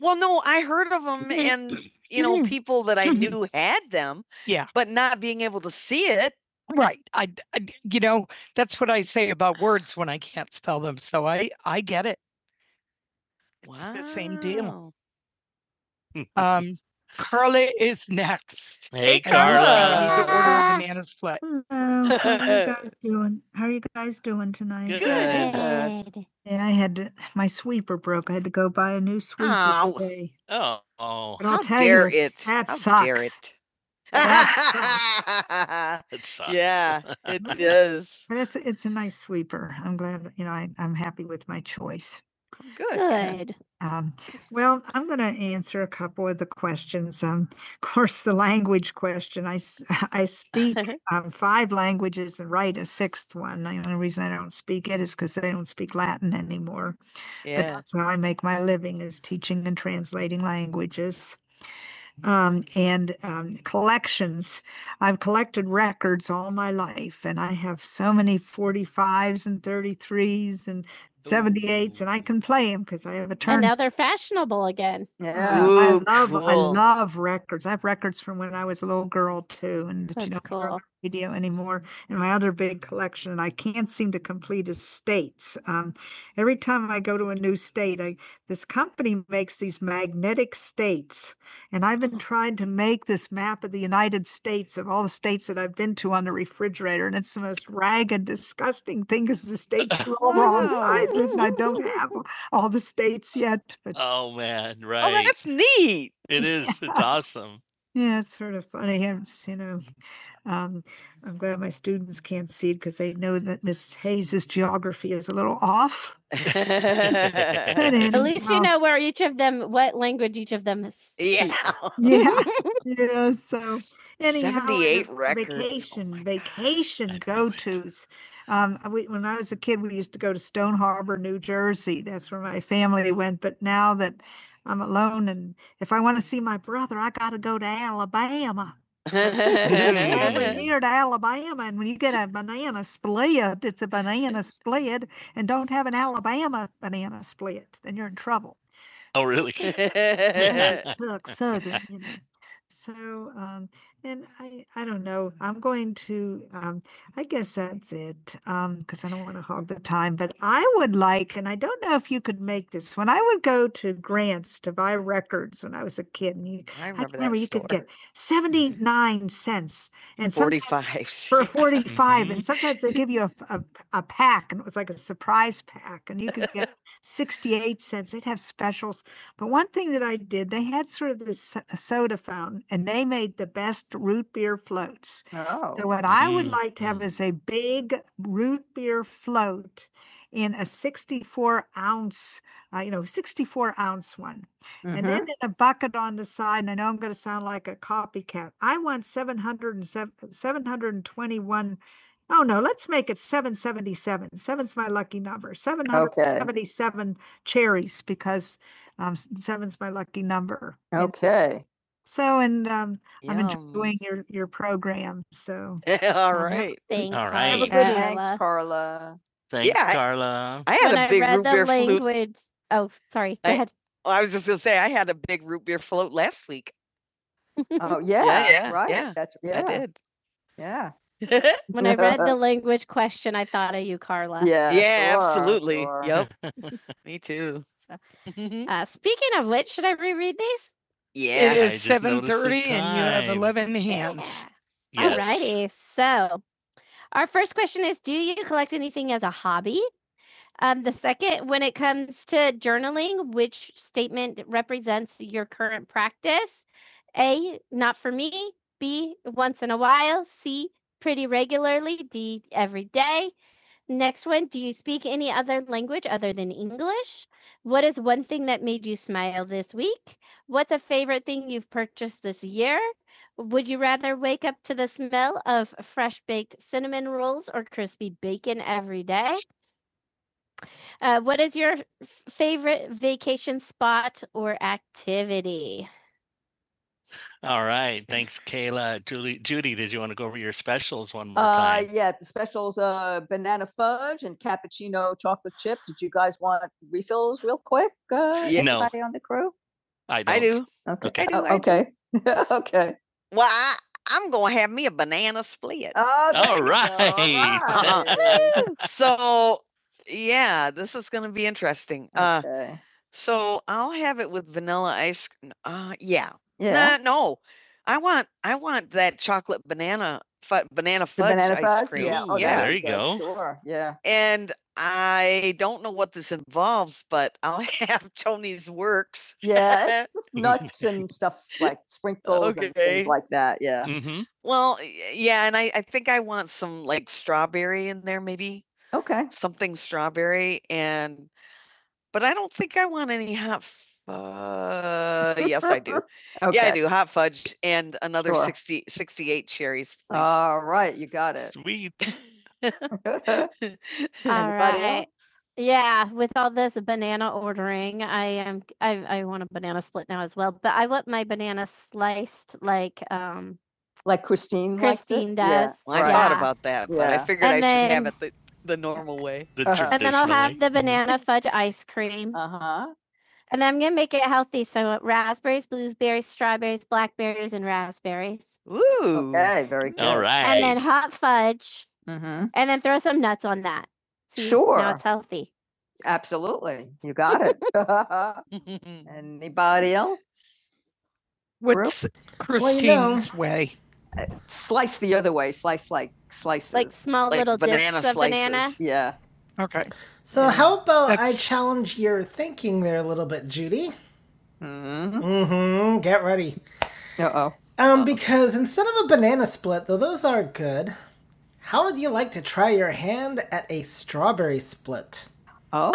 A: Well, no, I heard of them and, you know, people that I knew had them, Yeah. but not being able to see it. Right. I, I you know, that's what I say about words when I can't spell them. So I I get it. It's the same deal. Wow. Um, Carla is next. Hey, hey Carla. Carla. The order of the split. Hello. How are you guys doing? How are you guys doing tonight? Good. Good. Yeah, I had to, my sweeper broke. I had to go buy a new sweeper Ow. today. Oh, oh, How dare you, it? That How sucks. dare it? it sucks. yeah, it does. But it's it's a nice sweeper. I'm glad you know I, I'm happy with my choice. Good. Yeah. Good. Um, well, I'm going to answer a couple of the questions. Um, of course, the language question. I, s- I speak um, five languages and write a sixth one. The only reason I don't speak it is because they don't speak Latin anymore. But yeah. that's how I make my living is teaching and translating languages um, and um, collections. I've collected records all my life, and I have so many 45s and 33s and 78s, and I can play them because I have a turn. And now they're fashionable again. Yeah. I Ooh, I love, cool. I cool. love records. I have records from when I was a little girl too, and that you That's don't hear on cool. radio anymore. And my other big collection, that I can't seem to complete is states. Um, every time I go to a new state, I this company makes these magnetic states and I've been trying to make this map of the United States of all the states that I've been to on the refrigerator. And it's the most ragged, disgusting thing because the states are all wrong Wow. sizes. and I don't have all the states yet, but Oh man, right. Oh, right. that's neat. It is. Yeah. It's awesome. Yeah, it's sort of funny. It's, you know, um, I'm glad my students can't see it because they know that Miss Hayes's geography is a little off. At least you know where each of them, what language each of them speaks. yeah, yeah. Yeah. So anyhow, 78 records. Oh Vacation, vacation go tos. Um, we, when I was a kid, we used to go to Stone Harbor, New Jersey. That's where my family went. But now that I'm alone, and if I want to see my brother, I got to go to Alabama. Over yeah. here to Alabama, and when you get a banana split, it's a banana split and don't have an Alabama banana split, then you're in trouble. Oh, really? yeah. look southern you know so um and i i don't know i'm going to um i guess that's it um because i don't want to hog the time but i would like and i don't know if you could make this one i would go to grants to buy records when i was a kid and you I i remember remember that you could get store. Mhm. 79 cents and sometimes 45 for cents. 45 Mhm. and hmm sometimes they give you a, a, a pack and it was like a surprise pack and you could get 68 cents they'd have special but one thing that I did, they had sort of this so- soda fountain and they made the best root beer floats. So Oh, So what I would Mm, like to have mm. is a big root beer float in a 64 ounce, uh, you know, 64 ounce one. Mm-hmm. And then mhm. in a bucket on the side, and I know I'm going to sound like a copycat. I want seven hundred and seven, 721. Oh no, let's make it 777. Seven's my lucky number. seven hundred seventy-seven Okay. 777 cherries because um, s- seven's my lucky number. And Okay. So, and um, I'm Yum. enjoying your your program. So, All um, have, right. Thank All you, right. good one. Thanks, Carla. Carla. Yeah, Thanks, Yeah, I- Carla. I had When a I big read root the beer flute. language, oh, sorry, go I- ahead. oh, I was just gonna say I had a big root beer float last week. Oh, Yeah, yeah, yeah, right. yeah, That's, I yeah, did. yeah. yeah, When I read the language question, I thought of you, Carla. Yeah. yeah, sure, absolutely. sure. Yep. Me too. So, uh, speaking of which, should I reread these? Yeah. it is I just 7:30 and you have 11 hands. Yeah. Yes. Alrighty. So our first question is: Do you collect anything as a hobby? Um, the second, when it comes to journaling, which statement represents your current practice? A, not for me. B, once in a while. C, pretty regularly. D, every day. Next one, do you speak any other language other than English? What is one thing that made you smile this week? What's a favorite thing you've purchased this year? Would you rather wake up to the smell of fresh baked cinnamon rolls or crispy bacon every day? Uh, what is your f- favorite vacation spot or activity? All right. Thanks, Kayla. Julie, Judy, did you want to go over your specials one more Uh, time? yeah, the specials, uh, banana fudge and cappuccino chocolate chip. Did you guys want refills real quick? Uh, Yeah. No. anybody on the crew? I don't. I do. Okay. Okay. I do, Oh, I do. Okay. Do. Okay. Well, I, I'm gonna have me a banana split. Oh, all right. All right. so yeah, this is gonna be interesting. Uh, Okay. Uh, so I'll have it with vanilla ice. c- n- Uh, yeah. Yeah. Nah, no, I want I want that chocolate banana fu- banana fudge banana ice fudge? cream. Yeah. Oh, yeah. There you go. Sure. Yeah. and I don't know what this involves, but I'll have Tony's works. Yeah, it's just nuts and stuff like sprinkles and things okay. like that. Yeah. hmm Well, y- yeah, and I, I think I want some like strawberry in there, maybe Okay. something strawberry and but I don't think I want any hot fudge. yes, I do. Yeah, I Okay. do. Hot fudge and another Sure. 60 sixty-eight cherries, please. All right, you got it. Sweet. All Anybody right. else? Yeah, with all this banana ordering, I am I I want a banana split now as well, but I want my banana sliced like um Like Christine likes it? Christine Yeah, does. Well, I right. thought Yeah. about that, but I Yeah. figured I And should have then- it the normal way. The Uh-huh. And then I'll have the banana fudge ice cream. Uh huh. And then I'm gonna make it healthy. So I want raspberries, blueberries, strawberries, blackberries, and raspberries. Ooh. Okay, very good. All right. And then hot fudge. Mm-hmm. And then throw some nuts on that. See, sure. Now Sure. it's healthy. Absolutely. You got it. Anybody else? What's Christine's well, you know, way? Slice the other way. Slice like slices. like small Like little banana discs of banana. slices. Banana. yeah. Okay. So yeah. how about That's... I challenge your thinking there a little bit, Judy? Mm-hmm. Mm-hmm. Get ready. Uh oh. Um, Uh-oh. because instead of a banana split, though those are good, how would you like to try your hand at a strawberry split? Oh,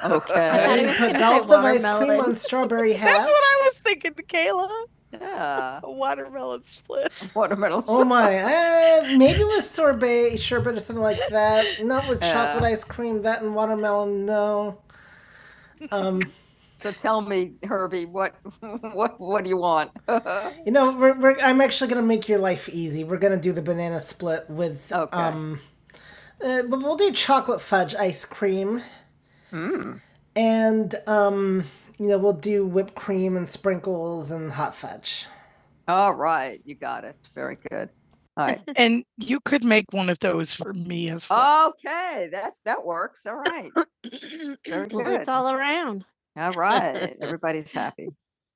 A: I okay. I mean, put going dollops of ice cream on strawberry halves. That's what I was thinking, Kayla. yeah. A watermelon split. Watermelon. split. Oh my! Uh, maybe with sorbet, sherbet, or something like that. Not with Yeah. chocolate ice cream. That and watermelon. No. Um, So tell me, Herbie, what what what do you want? you know, we're, we're, I'm actually gonna make your life easy. We're gonna do the banana split with Okay. um, uh, but we'll do chocolate fudge ice cream. Mm. And, um, you know, we'll do whipped cream and sprinkles and hot fudge. All right, you got it. Very good. All right. And you could make one of those for me as well. Okay, that that works. All right. Very good. it's all around. All right. Everybody's happy.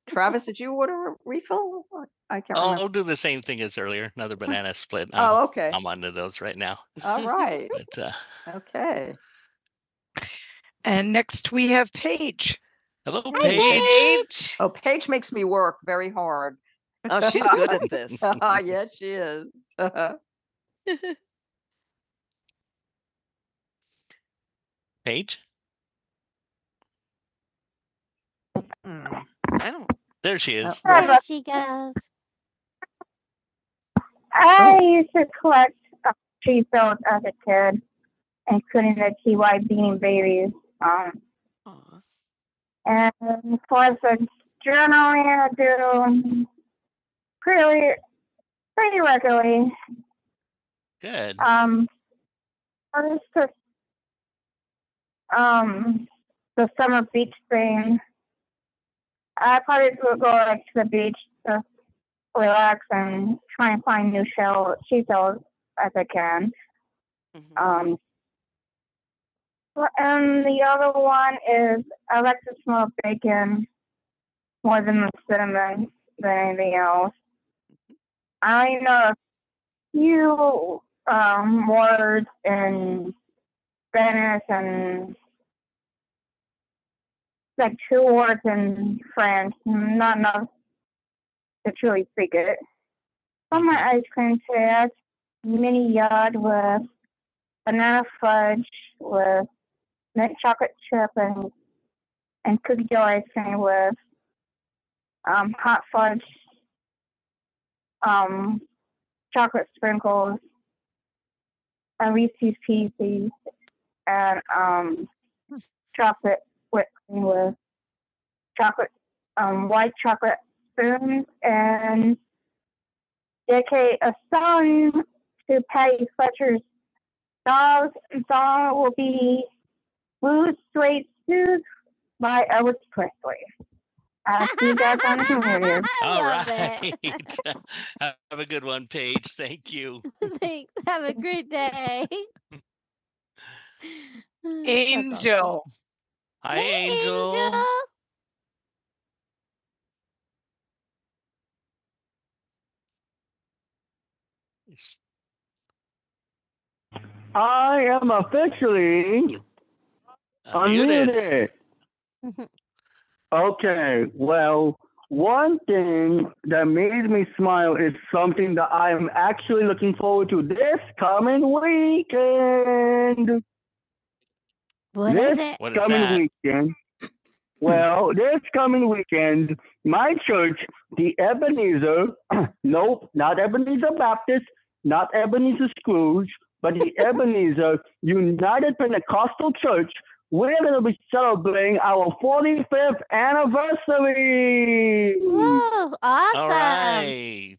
A: Travis, did you order a refill? I can't I'll, remember. I'll do the same thing as earlier. Another banana split. I'm, Oh, okay. I'm onto those right now. All right. But uh, Okay. And next we have Paige. hello, Hi, Paige. Hey, Paige. Oh, Paige makes me work very hard. Oh, she's good at this. Oh, uh, Yes, she is. Uh-huh. Paige, I don't. there she is. Yeah. There she goes. I oh. used to collect uh, tree built as a kid. And, could, and for the journaling, I do pretty, pretty regularly. Good. Um, first, the, um, the summer beach thing. I probably would go like to the beach to relax and try and find new shell seashells, shells I think. Mhm. Um, and the other one, I like to smell bacon more than most. I know a few um, words in dinner two words in French, not enough to truly speak it. Ice cream chairs, mini yard with banana fudge with mint chocolate chip and, and cookie dough ice cream with um, hot fudge, um, chocolate sprinkles, and Reese's Pieces, and um, chocolate whipped cream with chocolate, um, white chocolate spoons, and dedicate a song to Patty Fletcher's dogs. The song will be Blue Suede Shoes by Elvis Presley. Uh, see you guys on the radio. I All right. Have a good one, Paige. Thank you. Thanks. Have a great day. That's awesome. Angel. Hi, Hey, Angel. Angel. I am officially Unmuted. unmuted. Okay, well, one thing that made me smile is something that I am actually looking forward to this coming weekend. What This- is it? What is coming that? week. Well, this coming weekend, my church, the Ebenezer, nope, not not the Scrooge, but we'll be celebrating our fifth. anniversary. Whoa, awesome. All right.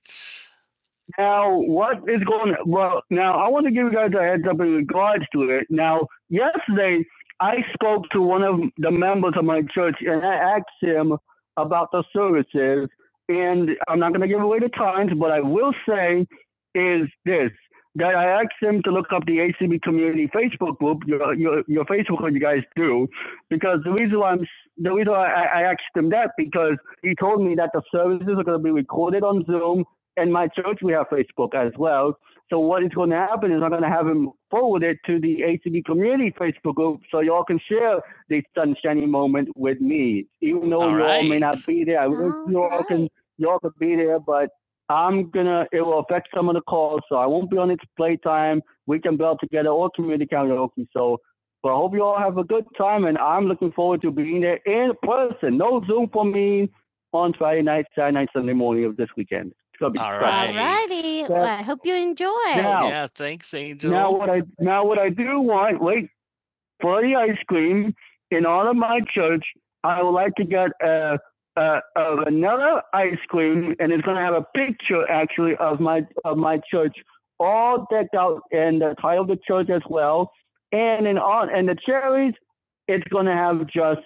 A: a heads up in regards to it. Now, yesterday, I spoke to one of the members of my church and I asked him about the services. And I'm not going to give away the times, but I will say is this that I asked him to look up the ACB community Facebook group, your, your, your Facebook, what you guys do, because the reason why I'm the reason why I, I asked him that because he told me that the services are going to be recorded on Zoom. In my church, we have Facebook as well, so what is going to happen is I'm going to have him forward it to the ACB community Facebook group so y'all can share the sunshiny moment with me. Even though All y'all right. may right. not be there, I wish y'all right. can right. y'all could be there, but I'm gonna it will affect some of the calls, so I won't be on its playtime. We can belt together or community karaoke. So but I hope you all have a good time and I'm looking forward to being there in person. No Zoom for me on Friday night, Saturday night, Sunday morning of this weekend. It's gonna be All fun. Right. Alrighty, well, I hope you enjoy. Now- Yeah, thanks, Angel. Now what I now what I do want, wait for the ice cream in honor of my church. I would like to get a a, a vanilla ice cream, and it's gonna have a picture actually of my of my church, all decked out, and the title of the church as well. And in on and the cherries, it's gonna have just.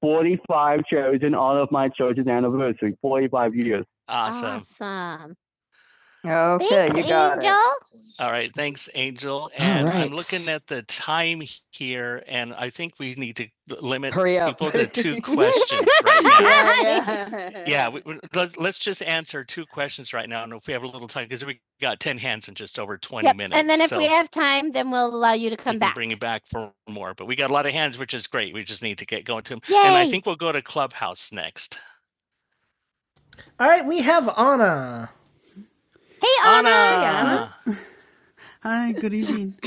A: 45 cherries in honor of my church's anniversary, 45 years. Awesome. Awesome. Okay, you Thanks, you got Angel. it. All right, thanks, Angel. And right. I'm looking at the time here, and I think we need to limit people to two questions right now. Yeah, Yeah, Yeah. we- let, us just answer two questions right now, and if we have a little time, because we got ten hands in just over twenty Yep, minutes. And then if so we have time, then we'll allow you to we come can back. bring you back for more. But we got a lot of hands, which is great. We just need to get going to them. Yay. And I Yay. think we'll go to Clubhouse next. All right, we have Anna. Hey, Anna, Anna. Hey,
C: Hello.
A: Anna.
C: Hi, good evening.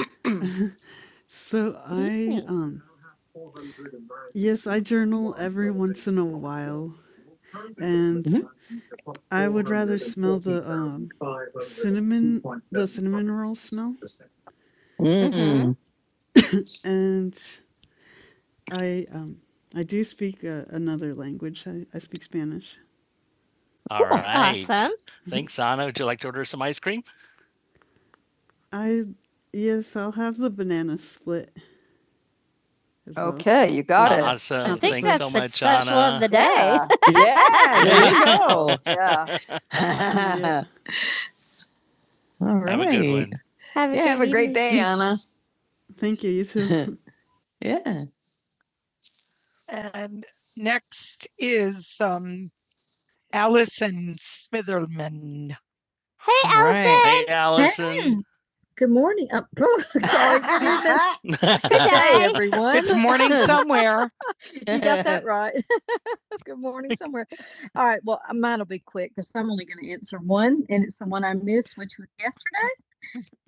C: So
A: Good
C: I
A: evening. You now
C: um
A: have four hundred and
C: yes,
A: ninety-three
C: I
A: point
C: journal
A: one
C: every
A: Golden
C: once in a
A: Popcorn.
C: while
A: Your current equipment is
C: and
A: runs to pop
C: I
A: four
C: would rather
A: hundred and
C: smell
A: forty
C: the
A: thousand
C: um
A: five hundred and two
C: cinnamon
A: point
C: the
A: seven five.
C: cinnamon roll smell
A: Mhm.
C: and I um I do speak uh, another language. I, I speak Spanish.
A: All yeah, right. Awesome. Thanks, Anna. Would you like to order some ice cream?
C: I yes, I'll have the banana split as well
A: Okay, you got
C: with
A: it. I
C: the
A: Awesome. I think
C: chocolate
A: Thanks that's so the
C: fudge.
A: much, special Anna. of the day. Yeah. yeah, there you
C: Nice.
A: go.
C: yeah.
A: Yeah. All right. Have a good one. Have a, Yeah, have a evening. great
C: Thank thank you, you
A: day,
C: too.
A: Anna. yeah. And next is um, Allison Smitherman. Hey, All right. Allison. Hey, Allison. Hey. Good morning. Uh, sorry, Good day, everyone. It's morning somewhere. You got that right. Good morning, somewhere. All right. Well, uh, mine will be quick because I'm only going to answer one, and it's the one I missed, which was yesterday.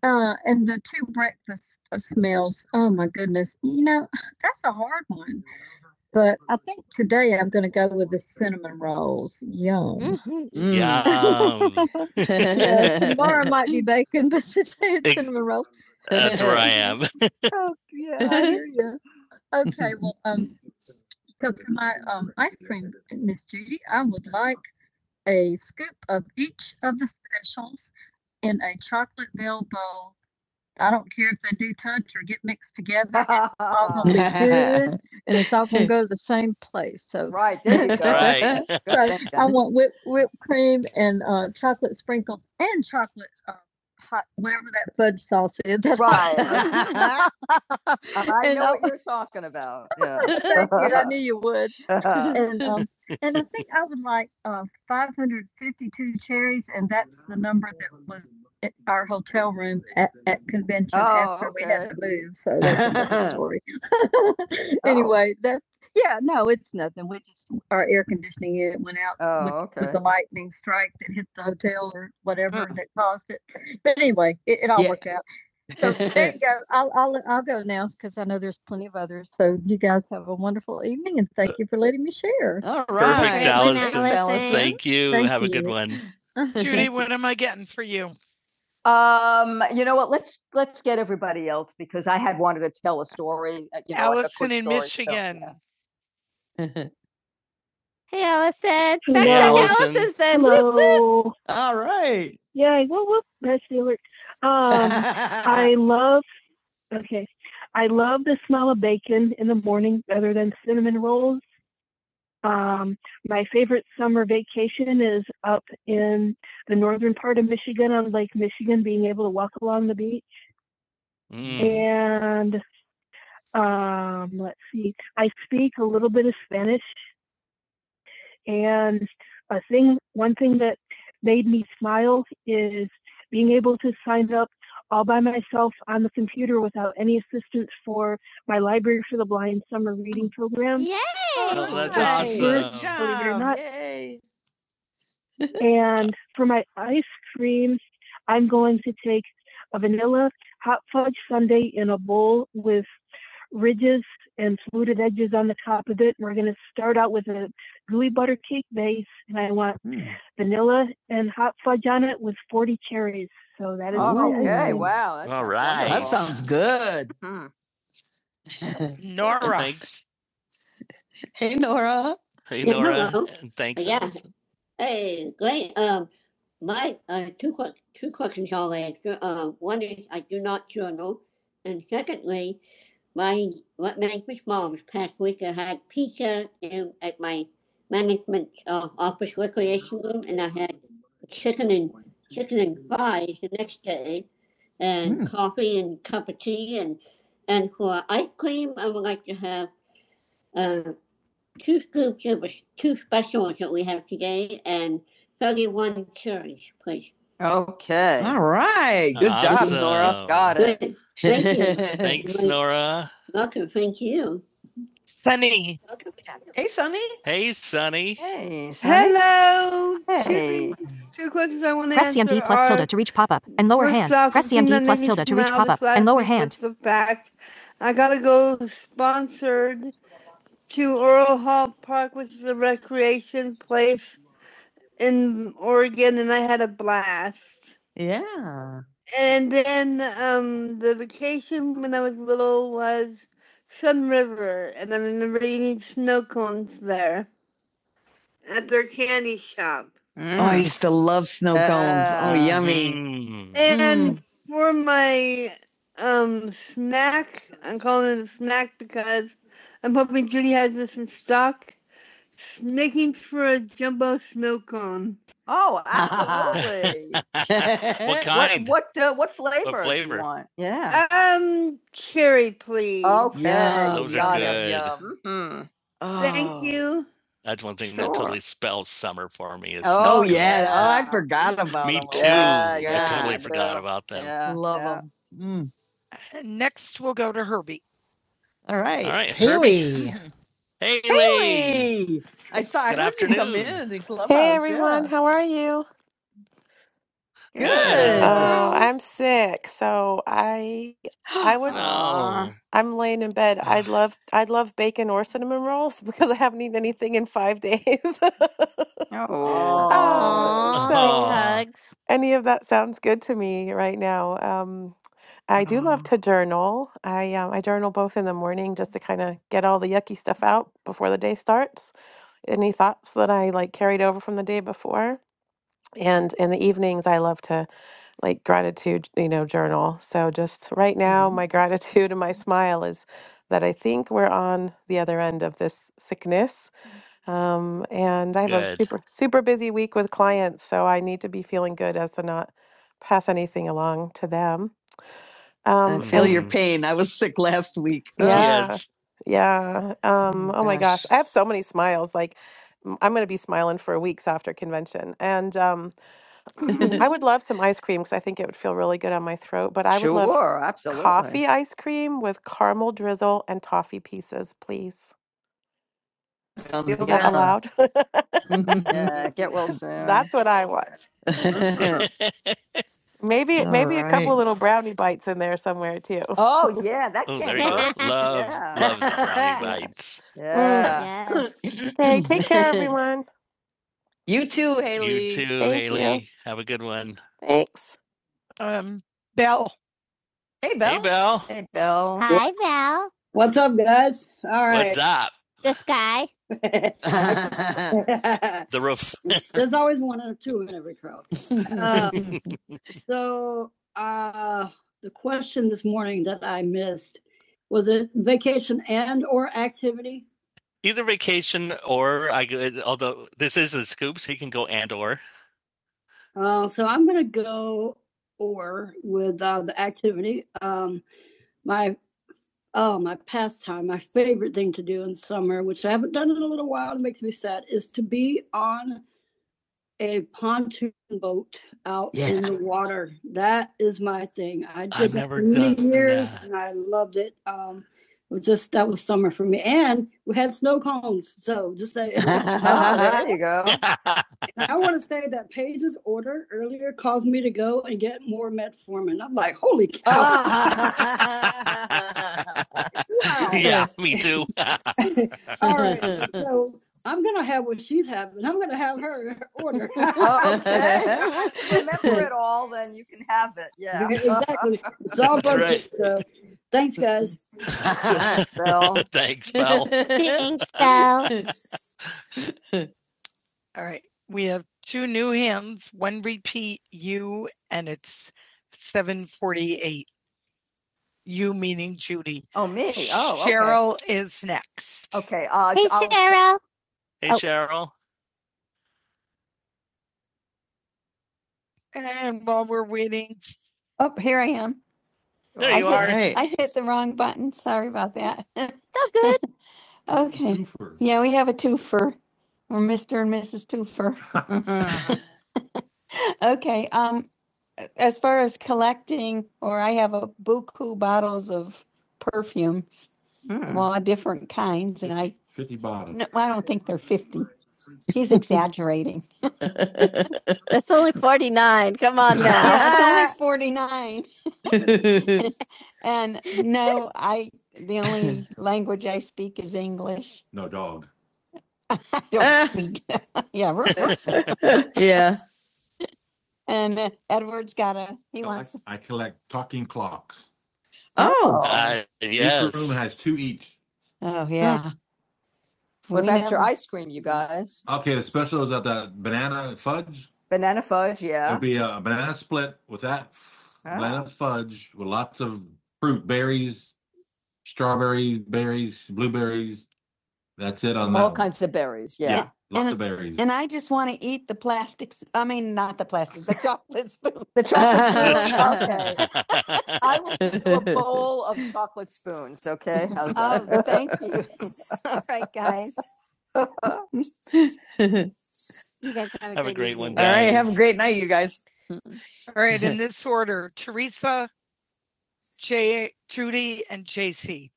A: Uh, and the two breakfast uh, smells. Oh my goodness. You know that's a hard one, but I think I'll go with the rolls. Yum. Mm. Yum. Yeah, tomorrow might be bacon, but today it's Ex- cinnamon rolls. That's where I am. Oh, yeah, I hear you. Okay. Um, so for my um, ice cream, Miss Judy, I would like a of each of the shells in a chocolate bell bowl I don't care if they do touch or get mixed together. It's all gonna Right, be good, And it's all gonna go to the same place, so. right there you go. Right. so I Okay. want whipped, whipped cream and, uh, chocolate sprinkles and chocolate, uh, hot, whatever that fudge sauce is. Right. I know what you're talking about. Yeah. Thank you. I knew you would. And, um, and I think I would like, uh, five hundred fifty-two cherries, and that's the number that was at our hotel room at, at convention Oh, after okay. we had okay. to move, so that's another story. Anyway, that, yeah, no, it's nothing. We just, our air conditioning unit went out Oh, with- okay. with the lightning strike that hit the hotel or whatever mm. that caused it. But anyway, it, it all Yeah. worked out. So there you go. I'll, I'll, I'll go now because I know there's, thank you. All right. Perfect, right. Allison. Allison. Thank you. Thank Have you. a good one. Judy, what am I getting for you? Um, you know what? Let's let's get everybody else because I had wanted to tell a story. uh, You know, Allison like a Allison in story, so, Michigan. So, yeah. Hey, Allison. Back Hey, to Allison. Allison said, whoop, whoop. Hello. All right. Yeah, whoop whoop. That's the alert. Um, I love. Okay, I love the smell of bacon in the morning, better than cinnamon rolls. Um, my favorite summer vacation is up in the northern part of Michigan on Lake Michigan, being able to walk along the beach. Mm. And um, is being off on for my land Yay! Oh, that's Right. awesome. Good Believe not. Yay. stream going hot fudge bowl with ridges and on the top of it, or gooey butter cake base, and I want vanilla and hot fudge on it with 40 cherries. So that is Oh, okay. Wow. that All sounds right. That Nice. sounds good. Mhm. Nora. Thanks. Hey, Yeah, Nora. hello. Thanks. Yeah. Allison. Well, chicken Okay. All right. Good awesome. job, Nora. Awesome. Got it. Good, thank you. Thanks, Really- Nora. Thank you. Sunny. Hey, hey Sunny. Hey. Sonny. Hello. Hey. Two questions I want to Press CMD plus tilde to reach pop-up and lower hand. Press CMD plus tilde to reach pop-up and lower hand. The fact I gotta go sponsored to Earl Hall Park, which is a recreation place in Oregon and I had a blast. And then um, the vacation was snow at their candy shop. Mm. Oh, I used to love snow cones. Uh, oh, Ah. yummy. Mm. And mm. for my um snack, I'm calling it a snack because I'm hoping Judy has this in stock. making for a jumbo snow cone. Oh, absolutely. what kind? What what, uh, what flavor? What flavor? do you want? Yeah. Um, cherry, please. Okay. Yum. Those are yum, yum, good. yum. Mhm. Oh. Thank you. That's one thing sure. that Sure. totally spells summer for me. Is Oh, Oh, snow. yeah. Cone. Oh, yeah. I forgot about Me them. too. Yeah, yeah, I yeah, totally yeah. forgot about them. Yeah. Love yeah. them. Mm. Next, we'll go to Herbie. All right. All right. Herbie. Haley. Haley. Haley. I saw I Good I heard you come in in
D: Hey
A: Clubhouse.
D: everyone,
A: Yeah.
D: how are you?
A: Good. Good.
D: Oh,
A: Hi.
D: I'm sick, so I I
A: Oh,
D: would
A: Aw.
D: I'm laying in bed.
A: Oh.
D: I'd love I'd love bacon or cinnamon rolls because I haven't eaten anything in five days. Um,
A: big
D: so
A: hugs.
D: any of that sounds good to me right now. Um, I do love
A: Aw.
D: to journal. I um, I journal both in the morning just to kind of get all the yucky stuff out before the day starts. Any thoughts that I like carried over from the day before, and in the evenings I love to. like gratitude, you know, journal. So just right now, my gratitude and my smile is that I think we're on the other end of this sickness. Um, and I have a
A: good.
D: super, super busy week with clients. So I need to be feeling good as to not pass anything along to them.
A: I
D: Um,
A: feel mm-hmm.
D: and
A: your Mhm. pain. I was sick last week. Ugh.
D: yeah,
A: Yes.
D: yeah. Um, oh my gosh. I have so many smiles. Like, m- I'm going to be smiling for weeks after convention. And, um, I would love some ice cream because I think it would feel really good on my throat, but I would love
A: sure, absolutely.
D: coffee ice cream with caramel drizzle and toffee pieces, please.
A: Sounds Feel
D: Is that
A: better.
D: allowed?
A: Yeah, get well soon.
D: That's what I want. Maybe maybe a couple little brownie bites in there somewhere too.
A: Oh yeah, that Oh, came. there you Love, Yeah. love the brownie
D: Yeah.
A: bites.
D: Mm.
A: Yeah.
D: Okay, take
A: Good.
D: care everyone.
A: You too, Haley. You too,
D: Thank you.
A: Haley. Have a good one.
D: Thanks.
A: Um, Bell, Hey, Belle. Hey, Belle. Hey, Belle. Hi, Val. Yes, all right. What's up? This guy. The roof. There's another two in every crowd. So, uh, Either vacation or I. Although this is the scoop, so he can go and or. I be on boat out yeah. in the West. I did I've never that many done years. that. And I did uh, just that was summer for me. And we had snow cones. So Ah, there you go. I want to. wow. yeah, me too. All right. So, Oh, okay. Remember it all, then you can have it. Yeah. exactly. It's all That's right. Bill. Thanks, Mel. Thanks, Belle. All right. We have two new hands, one repeat you, and it's 748. You meaning Judy. Oh, me? Oh, okay. Cheryl is next. Okay, uh, Hey, I'll- Cheryl. Hey, Oh. Cheryl. And while we're waiting, There I you hit- are. Hit, Hey. I hit about that. So good. Okay. Twofer. Yeah. Mhm. Um, well, different kinds, and I, no, I don't think they're fifty. She's exaggerating. It's only 49. Come on now. Yeah, it's only forty-nine. And no, I the only language I speak is English. Uh, Yeah, and uh, he No, wants to Oh, Uh, yes. Each room yes. has two each. Yeah. what about have- your ice cream, you guys? Okay, the special Banana fudge, yeah. will be Ah. All kinds of berries, Yeah, yeah. lots And- of berries. And I just want to eat plastics. I mean, not the plastics, the chocolate spoon. The chocolate spoon, okay. I will give a bowl of chocolate spoons, okay? How's that? Oh, well, thank you. All right, guys. You guys have a Have a great, a great evening. one, Guys. All right. Have a great All right, in this order, Teresa, Jay, Judy, and JC.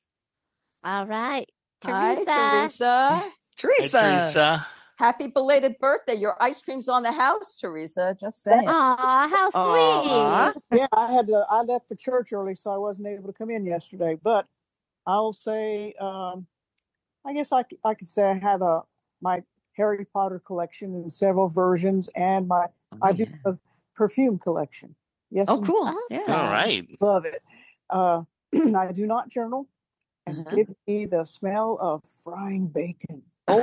A: All right. Teresa. Hi, Teresa. Teresa. Hey, Teresa. Happy belated birthday. Your ice cream's on the house, Teresa. Just saying. Aw, how Aw. sweet. yeah, I had to, I left for church early, so I wasn't able to come in yesterday. But I'll say, um, I guess I I could say I have a my Harry Potter collection in several versions, and my oh, I do yeah. a perfume collection. Yes, Oh, cool. Awesome. Yeah. All right. love it. Uh, I do not journal, and uh-huh. give me the smell of frying bacon. Oh,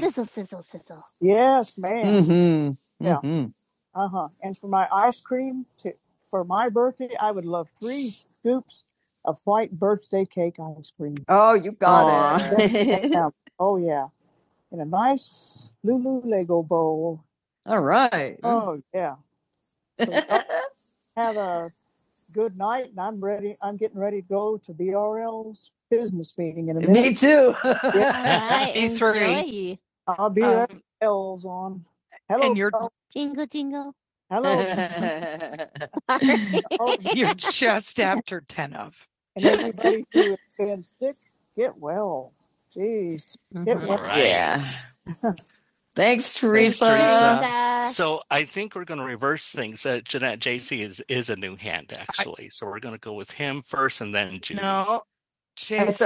A: Sizzle, sizzle, sizzle. Yes, ma'am. mm-hmm. Yeah. Mm-hmm. Uh huh. And for my ice cream, to, for my birthday, I would love three scoops of white birthday cake ice cream. Oh, you got Yes, it. ma'am. Oh, yeah. In a nice Lulu Lego bowl. All right. Oh, yeah. Uh, Me too. Yeah, All right, Me three. enjoy. I'll be Um, Hello, and you're Bo. Jingle, jingle. hello, Bo, you're just after ten of. and everybody who Mhm. All right. Yeah. Thanks, Teresa. Teresa. Teresa. So I think we're going to reverse things. Uh, Jeanette JC is is a new hand actually. I, so we're going to go with him first, and then Judy. No,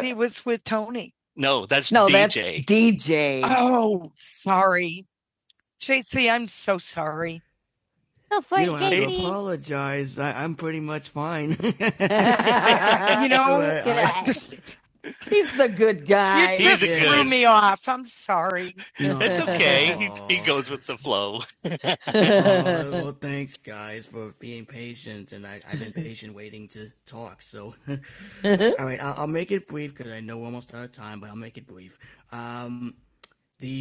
A: JC was with Tony. No, that's No, D J. that's DJ. DJ. Oh, sorry, JC. I'm so sorry. No, for You JC. you know, Yeah. he's a good guy. you just a good- threw me off. I'm sorry. No. It's okay. He, he goes with the flow. Oh, well, thanks for patient. I didn't I'm the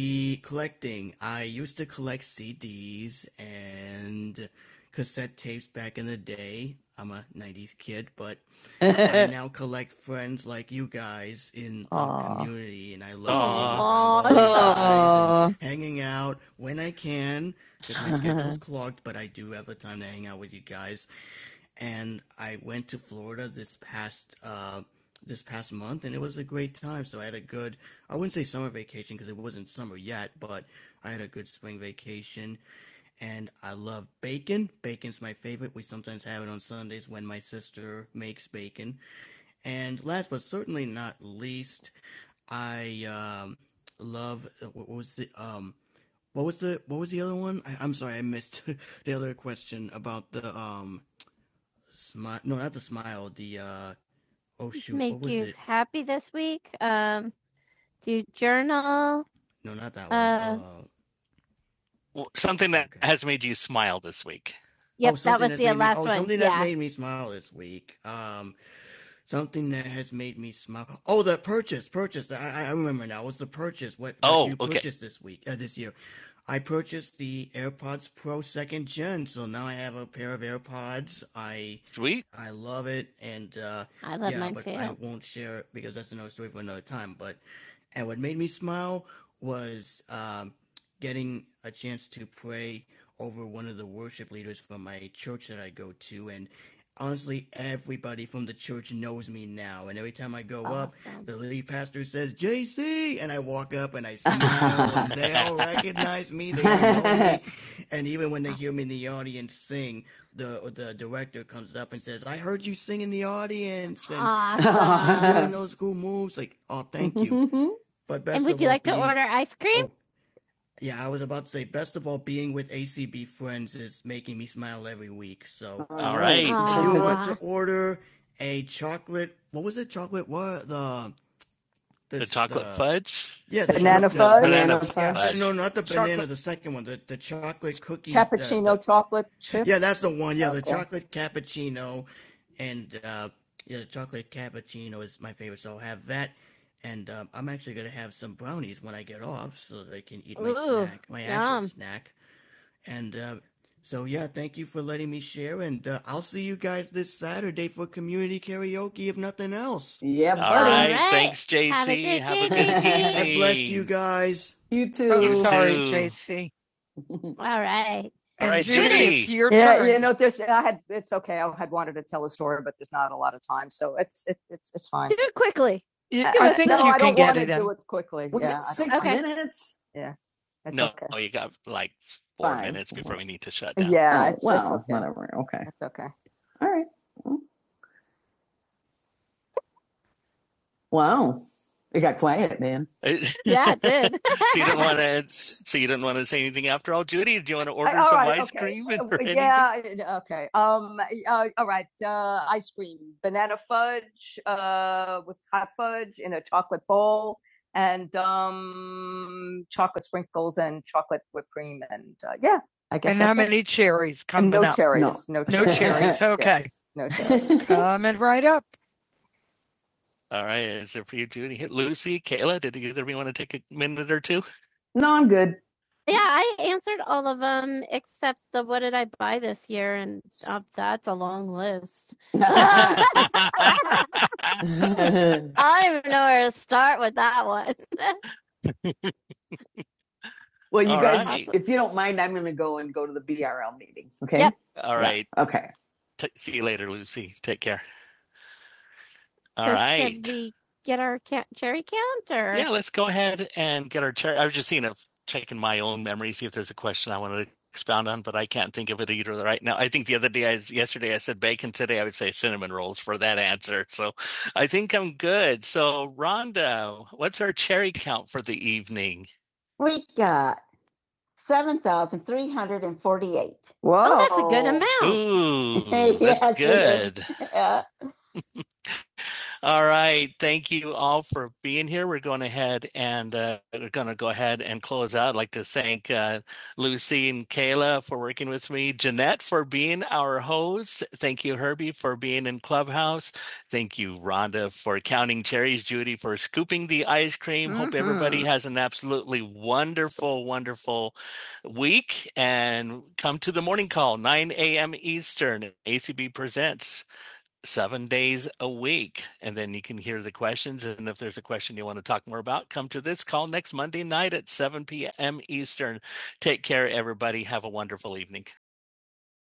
A: I now Aw. community love. oh, Because my schedule's clearing And this is a great thing because it wasn't either shoot, Make what was you it? happy this week? Um, do you journal? That one, uh, something that has made you smile this week. Yep, oh, that was the made me- last oh, one. Something Yeah, that's made me, Oh, you okay. purchased this week. Uh, insurance. uh, Sweet. I love yeah, mine but too. I won't. But um, getting a chance over one of the worship leaders from my church I go to, and honestly, and now, and every time I go oh, up, Awesome. it says JC, and I walk up and I smile, and they all recognize me. They all know me when they hear the audience sing. Uh, the director comes up and says, "I heard you sing in the audience," and oh, I those cool moves. Like, oh, thank you. but best and would of you all like being, to order ice cream? Oh, yeah, I was about to say, best of all, being with ACB friends is making me smile weak. So, All all right. if you want to order a The this- the chocolate the, fudge? Yeah, the Banana fudge? Banana fudge. fudge. No, not the banana. The, the cookie. cappuccino the- Cappuccino chocolate chip? Yeah, that's the one. Yeah, the Okay. The chocolate. I'm actually gonna have some brownies when I get off and eat my Ooh, snack. My actual snack. See you guys karaoke if nothing else. Yeah, All buddy. All right. All right. Thanks, JC. Have a good, Have a good, evening. God bless you guys. You too. I'm too. sorry, JC. All right. All right, And right, Judy, it's your Yeah, turn. you know, there's. I had. It's okay. I had wanted to tell a story, but there's not a lot of time, so it's it's it's it's fine. Do it quickly. You- Uh, I think no, you I can get it do in. it quickly. We yeah, six Okay. minutes. Yeah. it's No, okay. oh, you got like four Fine. minutes before we need to shut down. Yeah, Oh, it's- it's well, it's okay. whatever. Okay. It's okay. All right. Wow. It got quiet, man. Yeah, it did. so you didn't want to. So you didn't want to say anything after all, Judy. Do you want to order All some right, ice okay. cream? Uh, or Yeah, uh, okay. Um, uh, all right. Uh, ice cream, banana fudge, uh, with hot fudge in a chocolate bowl, and um, chocolate sprinkles and chocolate whipped cream, and uh, yeah, I guess And how that's it. many cherries coming And no up? cherries, no, No cherries. No cherries. Yeah, Okay. Yeah, no cherries. Coming right up. All right, is it for you, Judy? Lucy, Kayla, did either of you want to take a minute or two? No, I'm good. Yeah, I answered all of them except the what did I buy this year, and uh, that's a long list. I don't even know where to start with that one. Well, you All guys, right. if you don't mind, I'm going to go and go to the BRL. Okay. Yep. All right. Yeah. Okay. T- see you later, Lucy. Take care. All So right. Should we get our ca- cherry count or? Yeah, let's go ahead and get our cherry. I was just seeing if checking my own memory, see if there's a question I want to expound on, but I can't think of it either right now. I think the other day, I, yesterday, I said bacon. Today, I would say cinnamon rolls for that answer. So I think I'm good. So Rhonda, what's our cherry count for the evening? We got seven thousand three hundred and forty-eight. Whoa. Oh, that's a good amount. Ooh, Yes, that's Yes, it good. is. Yeah. All right. Thank you all for being here. We're going ahead and uh, we're going to go ahead and close out. I'd like to thank uh, Lucy and Kayla for working with me, Jeanette for being our host. Thank you, Herbie, for being in Clubhouse. Thank you, Rhonda, for counting cherries, Judy, for scooping the ice cream. Mm-hmm. Hope everybody Mhm. has an absolutely wonderful, wonderful week and come to the morning call, 9 a.m. Eastern. ACB presents seven days a week. And then you can hear the questions. And if there's a question you want to talk more about, come to this call next Monday night at 7 p.m. Eastern. Take care, everybody. Have a wonderful evening.